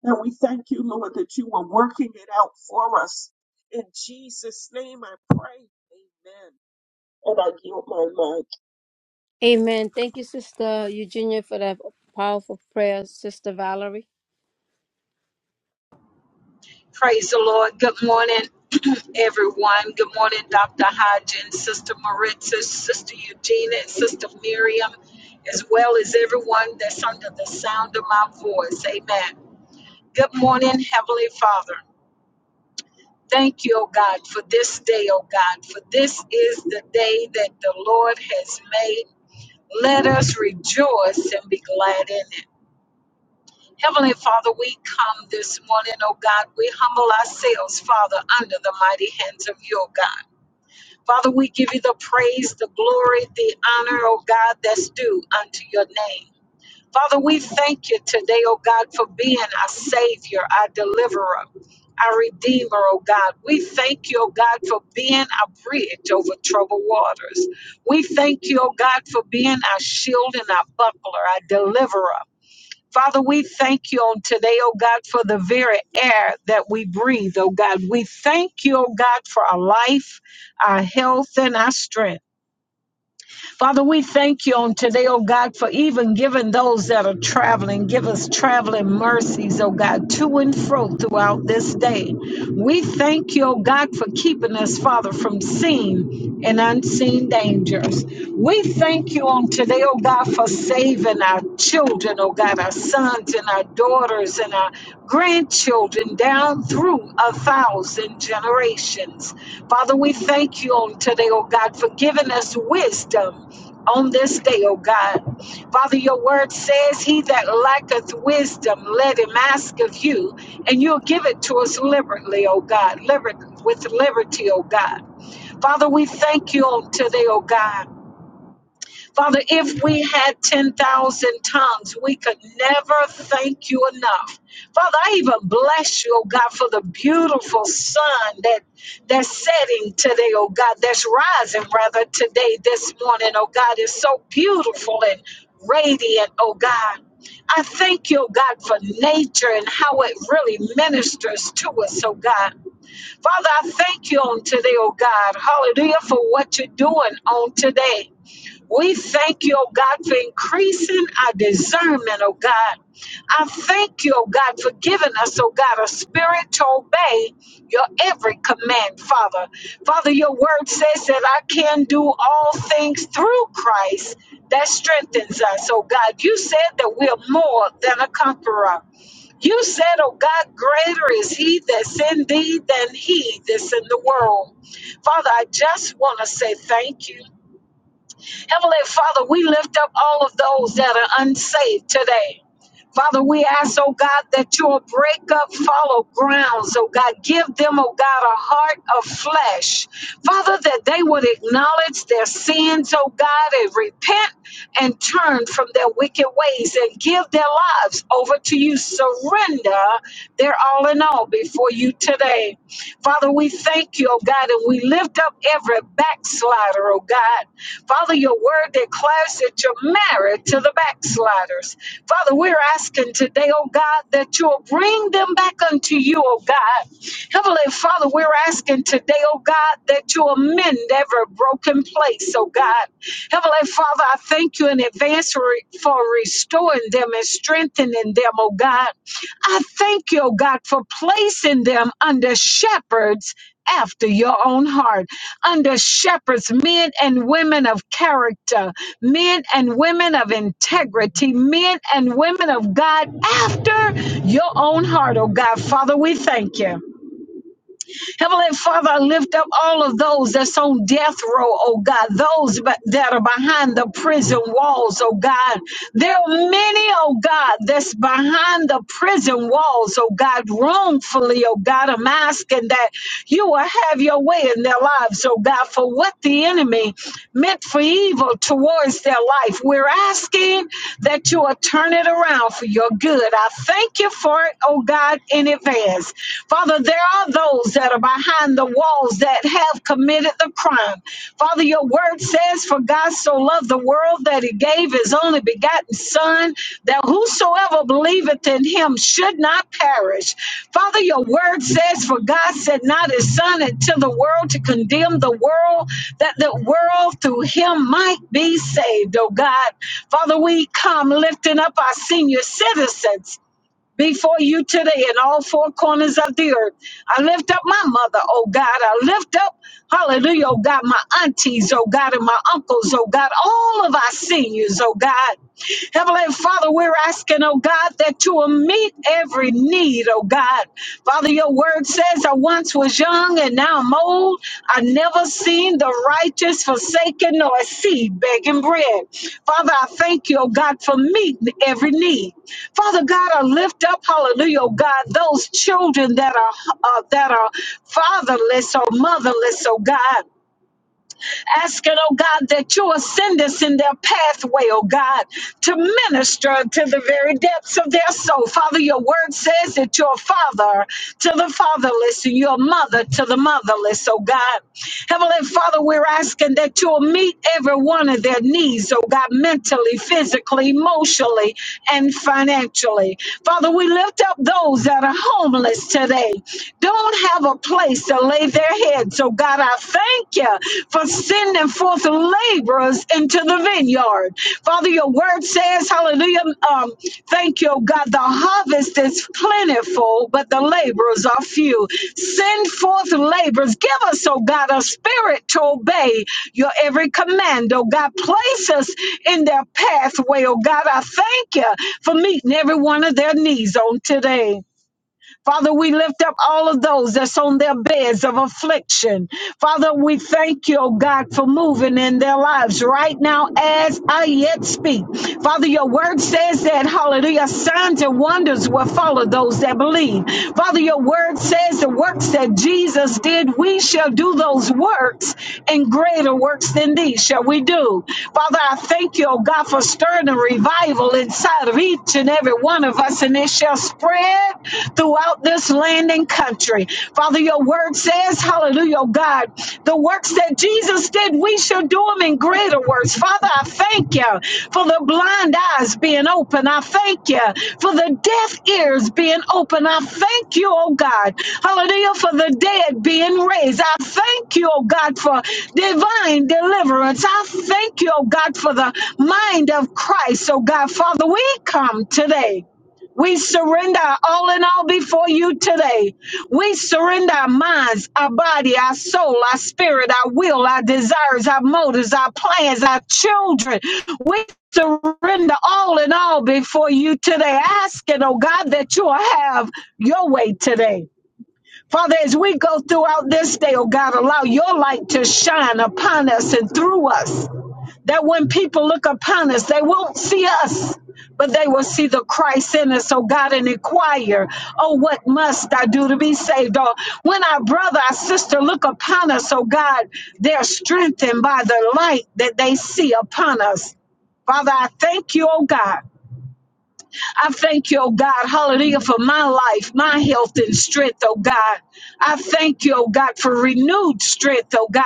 [SPEAKER 4] And we thank you, Lord, that you are working it out for us. In Jesus' name I pray. Amen. And I yield my mind.
[SPEAKER 1] Amen. Thank you, Sister Eugenia, for that powerful prayer, Sister Valerie.
[SPEAKER 5] Praise the Lord. Good morning, everyone. Good morning, Dr. Hodgins, Sister Maritza, Sister Eugenia, and Sister Miriam, as well as everyone that's under the sound of my voice. Amen. Good morning, Heavenly Father. Thank you, O God, for this day, O God, for this is the day that the Lord has made. Let us rejoice and be glad in it. Heavenly Father, we come this morning, oh God. We humble ourselves, Father, under the mighty hands of your God. Father, we give you the praise, the glory, the honor, oh God, that's due unto your name. Father, we thank you today, oh God, for being our Savior, our deliverer, our Redeemer, oh God. We thank you, oh God, for being our bridge over troubled waters. We thank you, oh God, for being our shield and our buckler, our deliverer. Father, we thank you on today, oh God, for the very air that we breathe, oh God. We thank you, oh God, for our life, our health, and our strength. Father, we thank you on today, oh God, for even giving those that are traveling. Give us traveling mercies, oh God, to and fro throughout this day. We thank you, oh God, for keeping us, Father, from seen and unseen dangers. We thank you on today, oh God, for saving our children, oh God, our sons and our daughters and our grandchildren down through a thousand generations. Father, we thank you on today, oh God, for giving us wisdom on this day, oh God. Father, your word says, He that lacketh wisdom, let him ask of you, and you'll give it to us liberally, oh God, liber- with liberty, oh God. Father, we thank you on today, oh God. Father, if we had 10,000 tongues, we could never thank you enough. Father, I even bless you, oh God, for the beautiful sun that that's setting today, oh God, that's rising rather today, this morning, oh God, is so beautiful and radiant, oh God. I thank you, oh God, for nature and how it really ministers to us, oh God. Father, I thank you on today, oh God. Hallelujah for what you're doing on today. We thank you, oh God, for increasing our discernment, oh God. I thank you, oh God, for giving us, oh God, a spirit to obey your every command, Father. Father, your word says that I can do all things through Christ that strengthens us, oh God. You said that we are more than a conqueror. You said, oh God, greater is he that's in thee than he that's in the world. Father, I just want to say thank you. Heavenly Father, we lift up all of those that are unsaved today. Father, we ask, oh God, that you'll break up fallow grounds, oh God. Give them, oh God, a heart of flesh. Father, that they would acknowledge their sins, oh God, and repent and turn from their wicked ways and give their lives over to you. Surrender their all in all before you today. Father, we thank you, oh God, and we lift up every backslider, oh God. Father, your word declares that you're married to the backsliders. Father, we're asking today, oh God, that you'll bring them back unto you, oh God. Heavenly Father, we're asking today, oh God, that you amend every broken place, oh God. Heavenly Father, I thank you in advance for for restoring them and strengthening them, oh God. I thank you, oh God, for placing them under shepherds after your own heart, under shepherds, men and women of character, men and women of integrity, men and women of God after your own heart, oh God. Father, we thank you. Heavenly Father, I lift up all of those that's on death row, oh God, those ba- that are behind the prison walls, oh God. There are many, oh God, that's behind the prison walls, oh God, wrongfully, oh God. I'm asking that you will have your way in their lives, oh God, for what the enemy meant for evil towards their life. We're asking that you will turn it around for your good. I thank you for it, oh God, in advance says. Father, there are those that are behind the walls that have committed the crime. Father, your word says, For God so loved the world that he gave his only begotten Son, that whosoever believeth in him should not perish. Father, your word says, For God sent not his Son into the world to condemn the world, that the world through him might be saved, oh God. Father, we come lifting up our senior citizens before you today in all four corners of the earth. I lift up my mother, oh God. I lift up, hallelujah, oh God, my aunties, oh God, and my uncles, oh God, all of our seniors, oh God. Heavenly Father, we're asking, oh God, that you will meet every need, oh God. Father, your word says, I once was young and now I'm old. I never seen the righteous forsaken nor a seed begging bread. Father, I thank you, oh God, for meeting every need. Father God, I lift up, hallelujah, oh God, those children that are uh, that are fatherless or motherless, oh God. Asking, it, oh God, that you will send us in their pathway, oh God, to minister to the very depths of their soul. Father, your word says that you're a father to the fatherless and you're a mother to the motherless, oh God. Heavenly Father, we're asking that you'll meet every one of their needs, oh God, mentally, physically, emotionally, and financially. Father, we lift up those that are homeless today, don't have a place place to lay their head. So, God, I thank you for sending forth laborers into the vineyard. Father, your word says, hallelujah, um, thank you, oh God, the harvest is plentiful, but the laborers are few. Send forth laborers. Give us, oh God, a spirit to obey your every command, oh God. Place us in their pathway, oh God. I thank you for meeting every one of their needs on today. Father, we lift up all of those that's on their beds of affliction. Father, we thank you, oh God, for moving in their lives right now as I yet speak. Father, your word says that, hallelujah, signs and wonders will follow those that believe. Father, your word says the works that Jesus did, we shall do those works and greater works than these shall we do. Father, I thank you, oh God, for stirring a revival inside of each and every one of us, and it shall spread throughout this land and country. Father, your word says, hallelujah, oh God, the works that Jesus did, we shall do them in greater works. Father, I thank you for the blind eyes being open. I thank you for the deaf ears being open. I thank you, oh God, hallelujah, for the dead being raised. I thank you, oh God, for divine deliverance. I thank you, oh God, for the mind of Christ. Oh God, Father, we come today. We surrender all in all before you today. We surrender our minds, our body, our soul, our spirit, our will, our desires, our motives, our plans, our children. We surrender all in all before you today, asking, oh God, that you'll have your way today. Father, as we go throughout this day, oh God, allow your light to shine upon us and through us that when people look upon us, they won't see us, but they will see the Christ in us. Oh God and inquire, oh, what must I do to be saved? Or when our brother, our sister look upon us, oh God, they're strengthened by the light that they see upon us. Father, I thank you, oh God I thank you, oh God, hallelujah, for my life, my health and strength, oh God. I thank you, oh God, for renewed strength, oh God.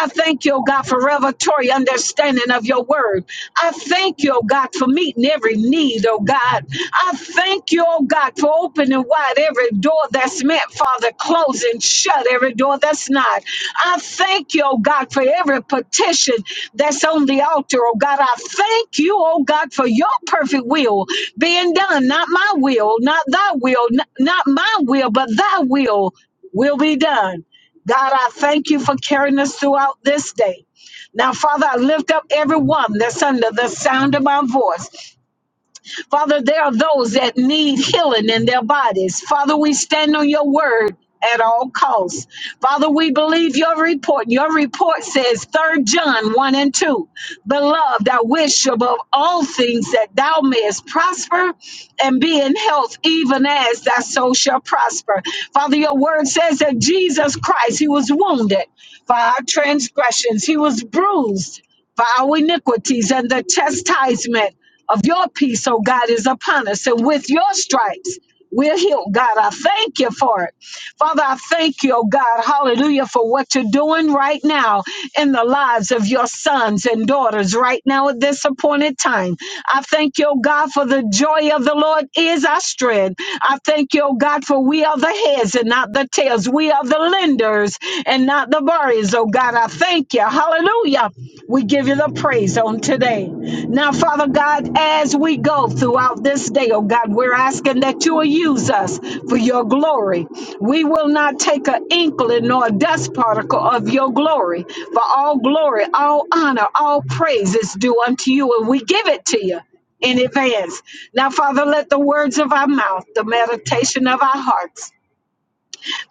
[SPEAKER 5] I thank you, oh God, for revelatory understanding of your word. I thank you, oh God, for meeting every need, oh God. I thank you, oh God, for opening and wide every door that's meant, Father. Close and shut every door that's not. I thank you, oh God, for every petition that's on the altar, oh God. I thank you, oh God, for your perfect will being done. Not my will, not thy will, n- not my will, but thy will will be done. God, I thank you for carrying us throughout this day. Now, Father, I lift up everyone that's under the sound of my voice. Father, there are those that need healing in their bodies. Father, we stand on your word at all costs. Father, we believe your report. Your report says 3 John 1 and 2. Beloved, I wish above all things that thou mayest prosper and be in health, even as thy soul shall prosper. Father, your word says that Jesus Christ, he was wounded for our transgressions. He was bruised for our iniquities and the chastisement of your peace, O God, is upon us. And with your stripes, we're healed. God, I thank you for it. Father, I thank you, oh God, hallelujah, for what you're doing right now in the lives of your sons and daughters right now at this appointed time. I thank you, oh God, for the joy of the Lord is our strength. I thank you, oh God, for we are the heads and not the tails. We are the lenders and not the borrowers, oh God. I thank you. Hallelujah. We give you the praise on today. Now, Father God, as we go throughout this day, oh God, we're asking that you will use us for your glory. We will not take an inkling nor a dust particle of your glory. For all glory, all honor, all praise is due unto you, and we give it to you in advance. Now, Father, let the words of our mouth, the meditation of our hearts,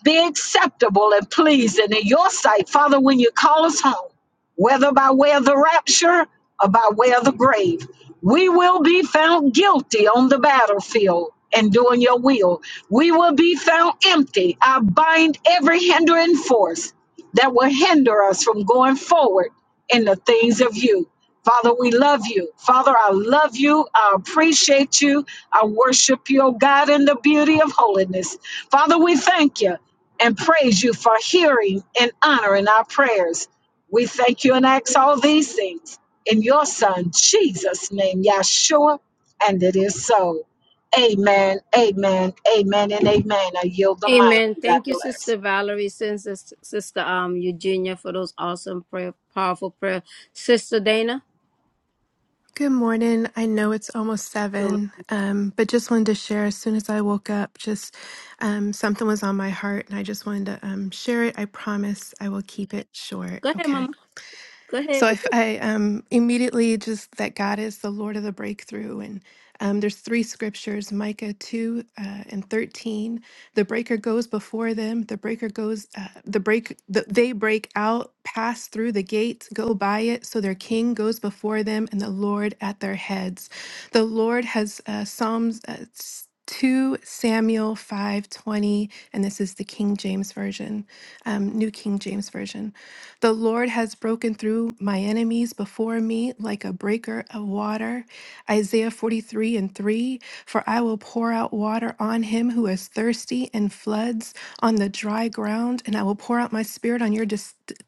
[SPEAKER 5] be acceptable and pleasing in your sight, Father, when you call us home, whether by way of the rapture or by way of the grave. We will be found guilty on the battlefield and doing your will. We will be found empty. I bind every hindering force that will hinder us from going forward in the things of you. Father, we love you. Father, I love you. I appreciate you. I worship you, oh God, in the beauty of holiness. Father, we thank you and praise you for hearing and honoring our prayers. We thank you and ask all these things in your Son, Jesus' name, Yahshua, and it is so. Amen, amen, amen, and amen. I yield the
[SPEAKER 1] Amen.
[SPEAKER 5] mic. God
[SPEAKER 1] Thank you,
[SPEAKER 5] bless.
[SPEAKER 1] Sister Valerie, since Sister um Eugenia for those awesome prayer, powerful prayer. Sister Dana,
[SPEAKER 6] Good morning. I know it's almost
[SPEAKER 1] go
[SPEAKER 6] seven, um, but just wanted to share as soon as I woke up, just um, something was on my heart and I just wanted to um, share it. I promise I will keep it short.
[SPEAKER 1] ahead,
[SPEAKER 6] okay?
[SPEAKER 1] Mama. Go ahead.
[SPEAKER 6] So I, f- I, um, immediately just that God is the Lord of the breakthrough. And um, there's three scriptures Micah 2 uh, and 13. The breaker goes before them, the breaker goes, uh, the break, the, they break out, pass through the gate, go by it. So their king goes before them and the Lord at their heads. The Lord has uh, Psalms. Uh, s- 2 Samuel 5:20 and this is the King James version um, New King James version the Lord has broken through my enemies before me like a breaker of water. Isaiah 43 and 3 For I will pour out water on him who is thirsty and floods on the dry ground, and I will pour out my spirit on your des-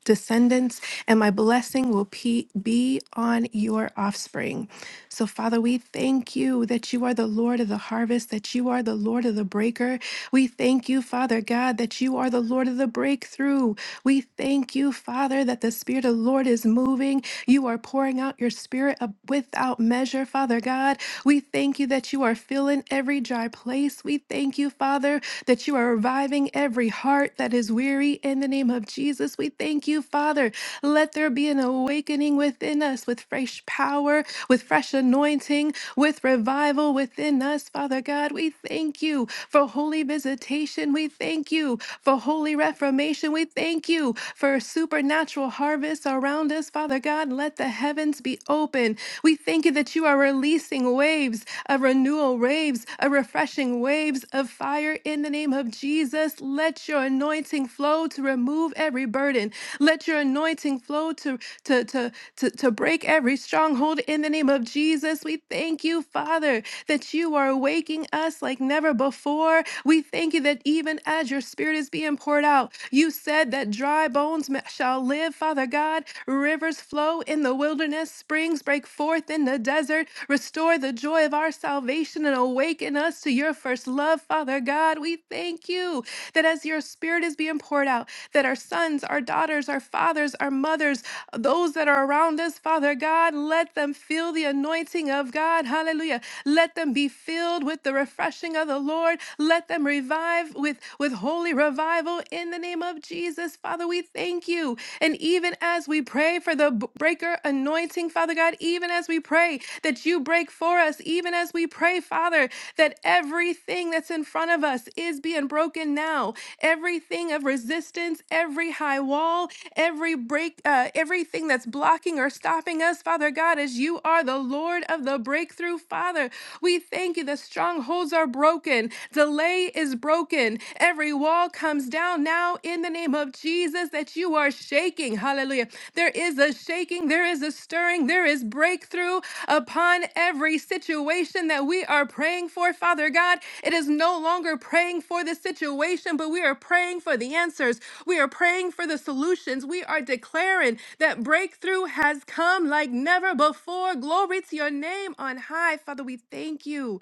[SPEAKER 6] descendants, and my blessing will pe- be on your offspring. So, Father, we thank you that you are the Lord of the harvest, that you are the Lord of the breaker. We thank you, Father God, that you are the Lord of the breakthrough. We thank you, Father, that the Spirit of the Lord is moving. You are pouring out your Spirit ab- without measure, Father God. We thank you that you are filling every dry place. We thank you, Father, that you are reviving every heart that is weary in the name of Jesus. We thank you, Father Father, let there be an awakening within us with fresh power, with fresh anointing, with revival within us, Father God. We thank you for holy visitation. We thank you for holy reformation. We thank you for supernatural harvests around us, Father God. Let the heavens be open. We thank you that you are releasing waves of renewal, waves of refreshing, waves of fire in the name of of Jesus, let your anointing flow to remove every burden. Let your anointing flow to, to, to, to, to break every stronghold in the name of Jesus. We thank you, Father, that you are waking us like never before. We thank you that even as your spirit is being poured out, you said that dry bones ma- shall live, Father God. Rivers flow in the wilderness, springs break forth in the desert. Restore the joy joy of our salvation and awaken us to your first love, Father God. We thank you that as your spirit is being poured out, that our sons, our daughters, our fathers, our mothers, those that are around us, Father God, let them feel the anointing of God. Hallelujah. Let them be filled with the refreshing of the Lord. Let them revive with, with holy revival in the name of Jesus. Father, we thank you. And even as we pray pray for the b- breaker anointing, Father God, even as we pray that you break for us, even as we pray, Father, that everything that's in front of us is being broken now. Everything of resistance, every high wall, every break, uh, everything that's blocking or stopping us, Father God, as you are the Lord of the breakthrough, Father. We thank you. The strongholds are broken, delay is broken, every wall comes comes down now in the name of Jesus that you are shaking. Hallelujah. There is a shaking, there is a stirring, there is breakthrough upon every situation that we are praying for, Father God. It is no longer praying for the situation, but we are praying for the answers. We are praying for the solutions. We are declaring that breakthrough has come like never before. Glory to your name on high. Father, we thank you.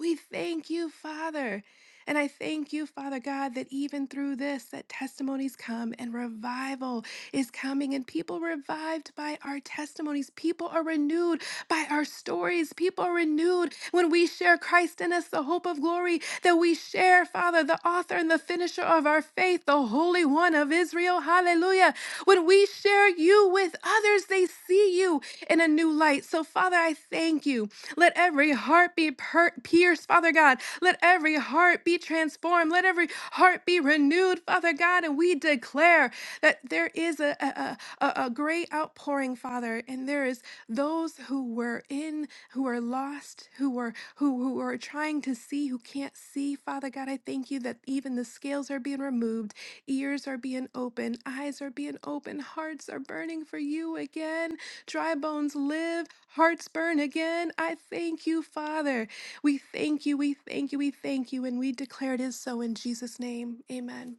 [SPEAKER 6] We thank you, Father. And I thank you, Father God, that even through this, that testimonies come and revival is coming, and people revived by our testimonies. People are renewed by our stories. People are renewed when we share Christ in us, the hope of glory that we share, Father, the author and the finisher of our faith, the Holy One of Israel so Hallelujah. When we share you with others, they see you in a new light. So, Father, I thank you. Let every heart be per- pierced, Father God. Let every heart be transformed. Let every heart be renewed, Father God. And we declare that there is a, a, a a great outpouring, Father, and there is those who were in, who are lost, who were who who are trying to see, who can't see. Father God, I thank you that even the scales are being removed Ears are being open, eyes are being open, hearts are burning for you again. Dry bones live, hearts burn again. I thank you, Father. We thank you, we thank you, we thank you, and we declare it is so in Jesus' name. Amen.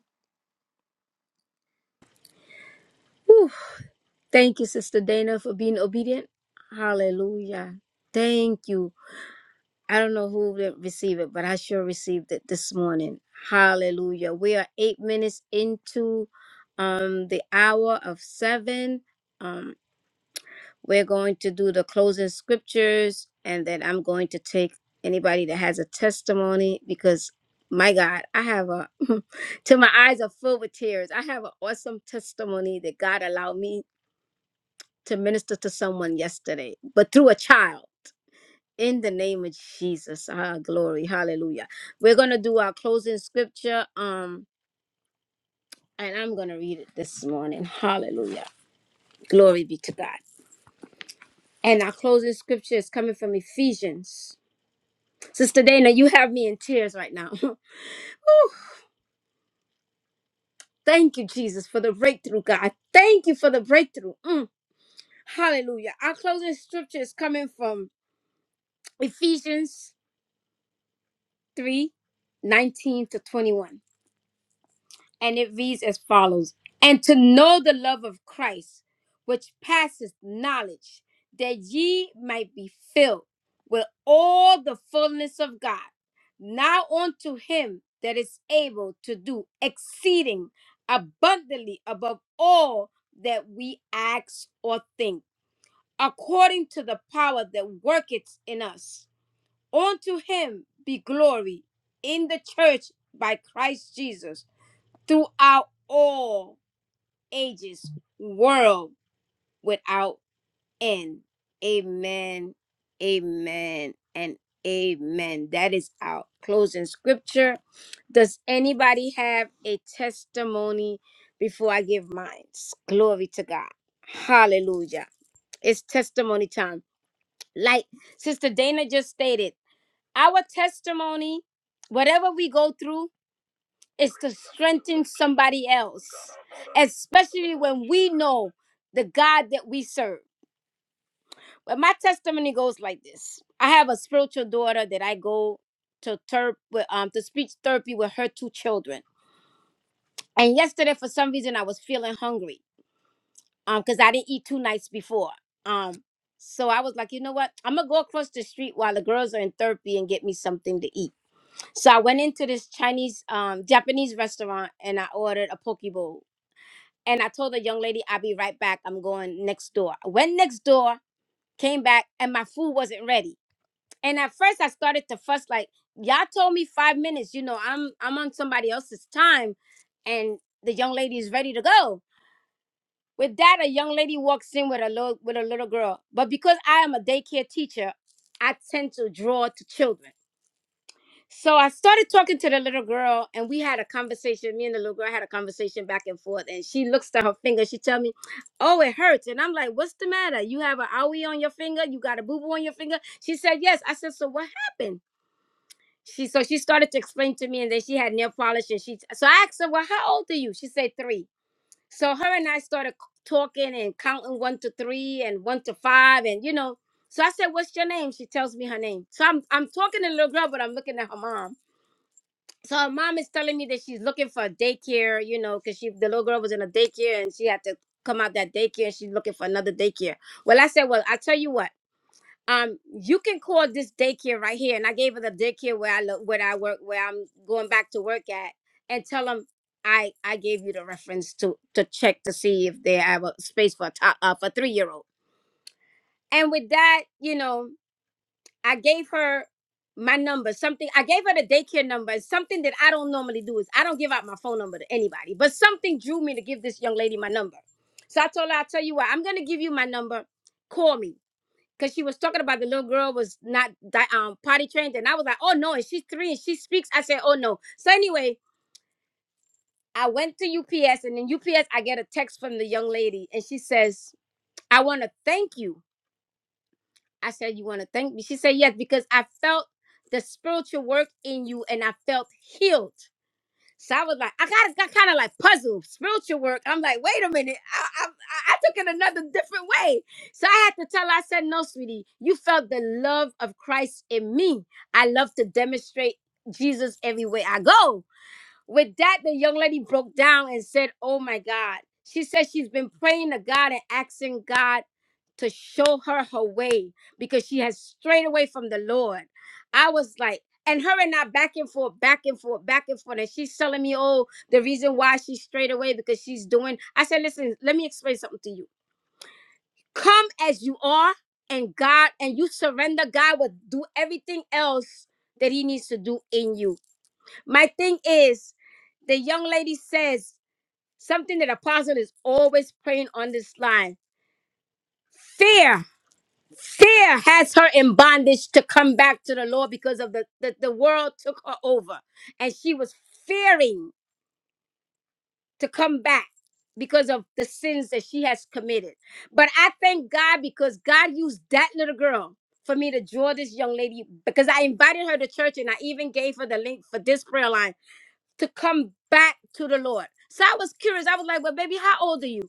[SPEAKER 1] Whew. Thank you, Sister Dana, for being obedient. Hallelujah. Thank you. I don't know who will receive it, but I sure received it this morning. Hallelujah. We are eight minutes into um the hour of seven. Um, we're going to do the closing scriptures, and then I'm going to take anybody that has a testimony because my God, I have a till my eyes are filled with tears. I have an awesome testimony that God allowed me to minister to someone yesterday, but through a child. In the name of Jesus, ah, glory, hallelujah. We're gonna do our closing scripture, um, and I'm gonna read it this morning. Hallelujah, glory be to God. And our closing scripture is coming from Ephesians. Sister Dana, you have me in tears right now. Thank you, Jesus, for the breakthrough, God. Thank you for the breakthrough. Mm, hallelujah. Our closing scripture is coming from Ephesians 3, 19 to 21. and it reads as follows And to know the love of Christ, which passeth knowledge, that ye might be filled with all the fullness of God. Now unto him that is able to do exceeding abundantly above all that we ask or think, according to the power that worketh in us. Unto him be glory in the church by Christ Jesus throughout all ages, world without end. Amen, amen, and amen. That is our closing scripture. Does anybody have a testimony before I give mine? Glory to God. Hallelujah. It's testimony time. Like Sister Dana just stated, our testimony, whatever we go through, is to strengthen somebody else, especially when we know the God that we serve. But my testimony goes like this: I have a spiritual daughter that I go to therp with, um to speech therapy with her two children. And yesterday, for some reason, I was feeling hungry, um, because I didn't eat two nights before, um. So I was like, you know what? I'm gonna go across the street while the girls are in therapy and get me something to eat. So I went into this Chinese, um, Japanese restaurant and I ordered a poke bowl And I told the young lady, I'll be right back. I'm going next door. I went next door, came back, and my food wasn't ready. And at first I started to fuss like, y'all told me five minutes. You know, I'm I'm on somebody else's time and the young lady is ready to go. With that, a young lady walks in with a little with a little girl. But because I am a daycare teacher, I tend to draw to children. So I started talking to the little girl, and we had a conversation. Me and the little girl had a conversation back and forth, and she looks to her finger. She tell me, "Oh, it hurts," and I'm like, "What's the matter? You have an owie on your finger? You got a boo boo on your finger?" She said, "Yes." I said, "So what happened?" She so she started to explain to me, and then she had nail polish, and she so I asked her, "Well, how old are you?" She said three. So her and I started c- talking and counting one to three and one to five, and you know. So I said, "What's your name?" She tells me her name. So I'm I'm talking to the little girl, but I'm looking at her mom so her mom is telling me that she's looking for a daycare, you know, because she the little girl was in a daycare and she had to come out that daycare and she's looking for another daycare. Well, I said, well, I tell you what, um, you can call this daycare right here, and I gave her the daycare where I look, where I work, where I'm going back to work at, and tell them I I gave you the reference to to check to see if they have a space for a top uh, for three year old. And with that, you know, I gave her my number, something I gave her the daycare number, and something that I don't normally do is I don't give out my phone number to anybody, but something drew me to give this young lady my number. So I told her, I'll tell you what, I'm gonna give you my number. Call me. Cause she was talking about the little girl was not di- um potty trained, and I was like, oh no, and she's three and she speaks. I said, oh no. So anyway, I went to UPS, and in UPS, I get a text from the young lady, and she says, I want to thank you I said, You want to thank me? She said, Yes, because I felt the spiritual work in you and I felt healed. So I was like, I got, got kind of like puzzled. Spiritual work. I'm like, wait a minute. I, I, I I took it another different way. So I had to tell her, I said, no, sweetie, you felt the love of Christ in me. I love to demonstrate Jesus everywhere I go. With that, the young lady broke down and said, Oh my God. She said she's been praying to God and asking God to show her her way because she has strayed away from the Lord. I was like, and her and I back and forth, back and forth, back and forth. And she's telling me, oh, the reason why she strayed away because she's doing. I said, listen, let me explain something to you. Come as you are, and God, and you surrender, God will do everything else that He needs to do in you my thing is, the young lady says something that Apostle is always praying on this line. Fear, fear has her in bondage to come back to the Lord because of the, the, the world took her over. And she was fearing to come back because of the sins that she has committed. But I thank God because God used that little girl for me to draw this young lady because I invited her to church and I even gave her the link for this prayer line to come back to the Lord. So I was curious. I was like, well, baby, how old are you?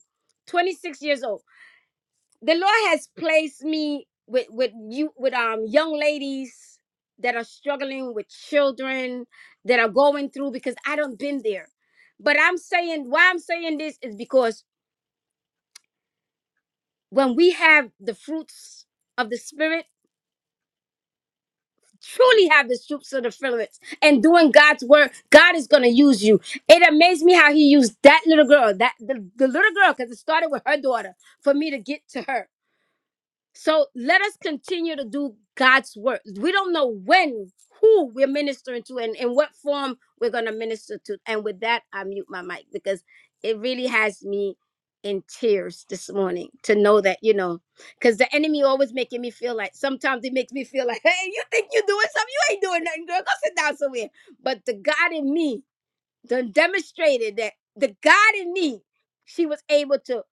[SPEAKER 1] 26 years old. The Lord has placed me with with you with um young ladies that are struggling with children that are going through because I don't been there. But I'm saying why I'm saying this is because when we have the fruits of the spirit truly have the shoots of the filaments and doing God's work, God is going to use you. It amazed me how he used that little girl, that the, the little girl, because it started with her daughter, for me to get to her. So let us continue to do God's work. We don't know when, who we're ministering to, and in what form we're going to minister to. And with that, I mute my mic because it really has me in tears this morning to know that, you know, because the enemy always making me feel like sometimes it makes me feel like, hey, you think you're doing something? You ain't doing nothing, girl. Go sit down somewhere. But the God in me done demonstrated that the God in me, she was able to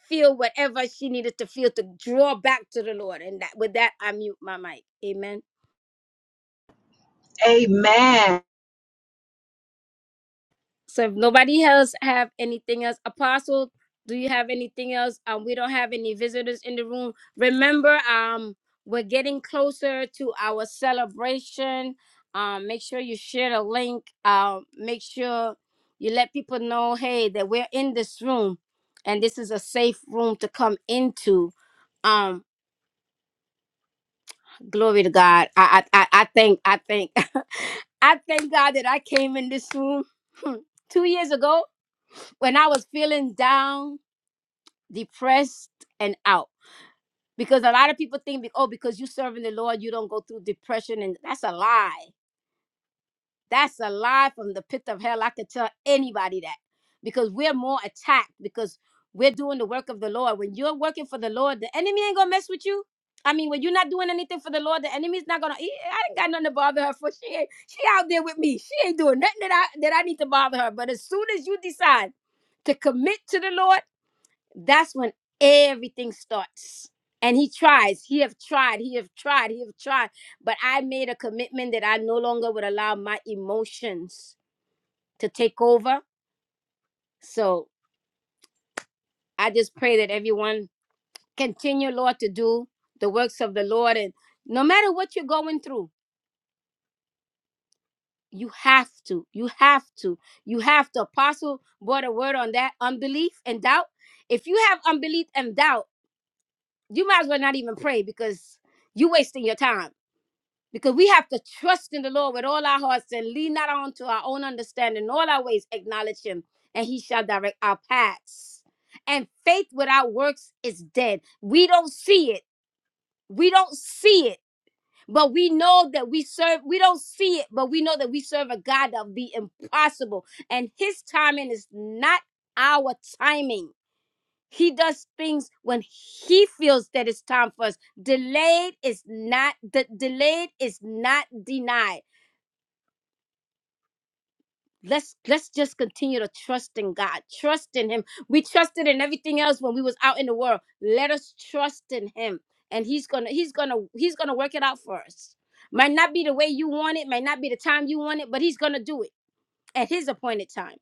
[SPEAKER 1] feel whatever she needed to feel to draw back to the Lord. And that with that, I mute my mic. Amen.
[SPEAKER 5] Amen.
[SPEAKER 1] So if nobody else have anything else, Apostle, do you have anything else? Um, we don't have any visitors in the room. Remember, um, we're getting closer to our celebration. Um, make sure you share the link. Um, make sure you let people know, hey, that we're in this room, and this is a safe room to come into. Um, glory to God. I I I I thank I thank I thank God that I came in this room two years ago when I was feeling down, depressed, and out. Because a lot of people think, oh, because you are serving the Lord, you don't go through depression. And that's a lie. That's a lie from the pit of hell. I could tell anybody that because we're more attacked because we're doing the work of the Lord. When you're working for the Lord, the enemy ain't going to mess with you. I mean, when you're not doing anything for the Lord, the enemy's not gonna. "E, I ain't got nothing to bother her for. She ain't, she out there with me. She ain't doing nothing that I that I need to bother her. But as soon as you decide to commit to the Lord, that's when everything starts and he tries he have tried he have tried he have tried but i made a commitment that i no longer would allow my emotions to take over so i just pray that everyone continue lord to do the works of the lord and no matter what you're going through you have to you have to you have to apostle brought a word on that unbelief and doubt if you have unbelief and doubt you might as well not even pray because you are wasting your time because we have to trust in the Lord with all our hearts and lean not on to our own understanding. In all our ways acknowledge Him, and He shall direct our paths. And faith without works is dead. We don't see it. We don't see it, but we know that we serve. We don't see it, but we know that we serve a God of the impossible, and His timing is not our timing. He does things when he feels that it's time for us. Delayed is not de- delayed is not denied let's let's just continue to trust in god trust in him we trusted in everything else when we was out in the world let us trust in him and he's gonna he's gonna he's gonna work it out for us might not be the way you want it might not be the time you want it but he's gonna do it at his appointed time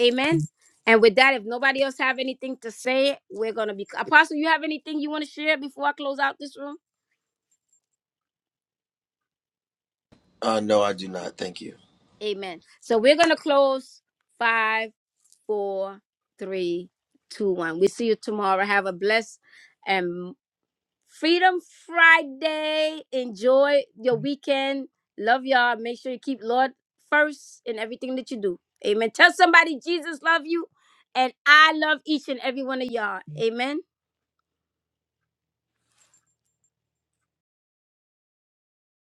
[SPEAKER 1] amen and with that if nobody else have anything to say we're gonna be apostle you have anything you want to share before i close out this room
[SPEAKER 3] Uh, no, I do not. Thank you.
[SPEAKER 1] amen so we're gonna close five four, three, two, one. We see you tomorrow. Have a blessed and Freedom Friday. Enjoy your weekend. Love y'all. Make sure you keep Lord first in everything that you do. Amen. Tell somebody Jesus love you, and I love each and every one of y'all. Amen.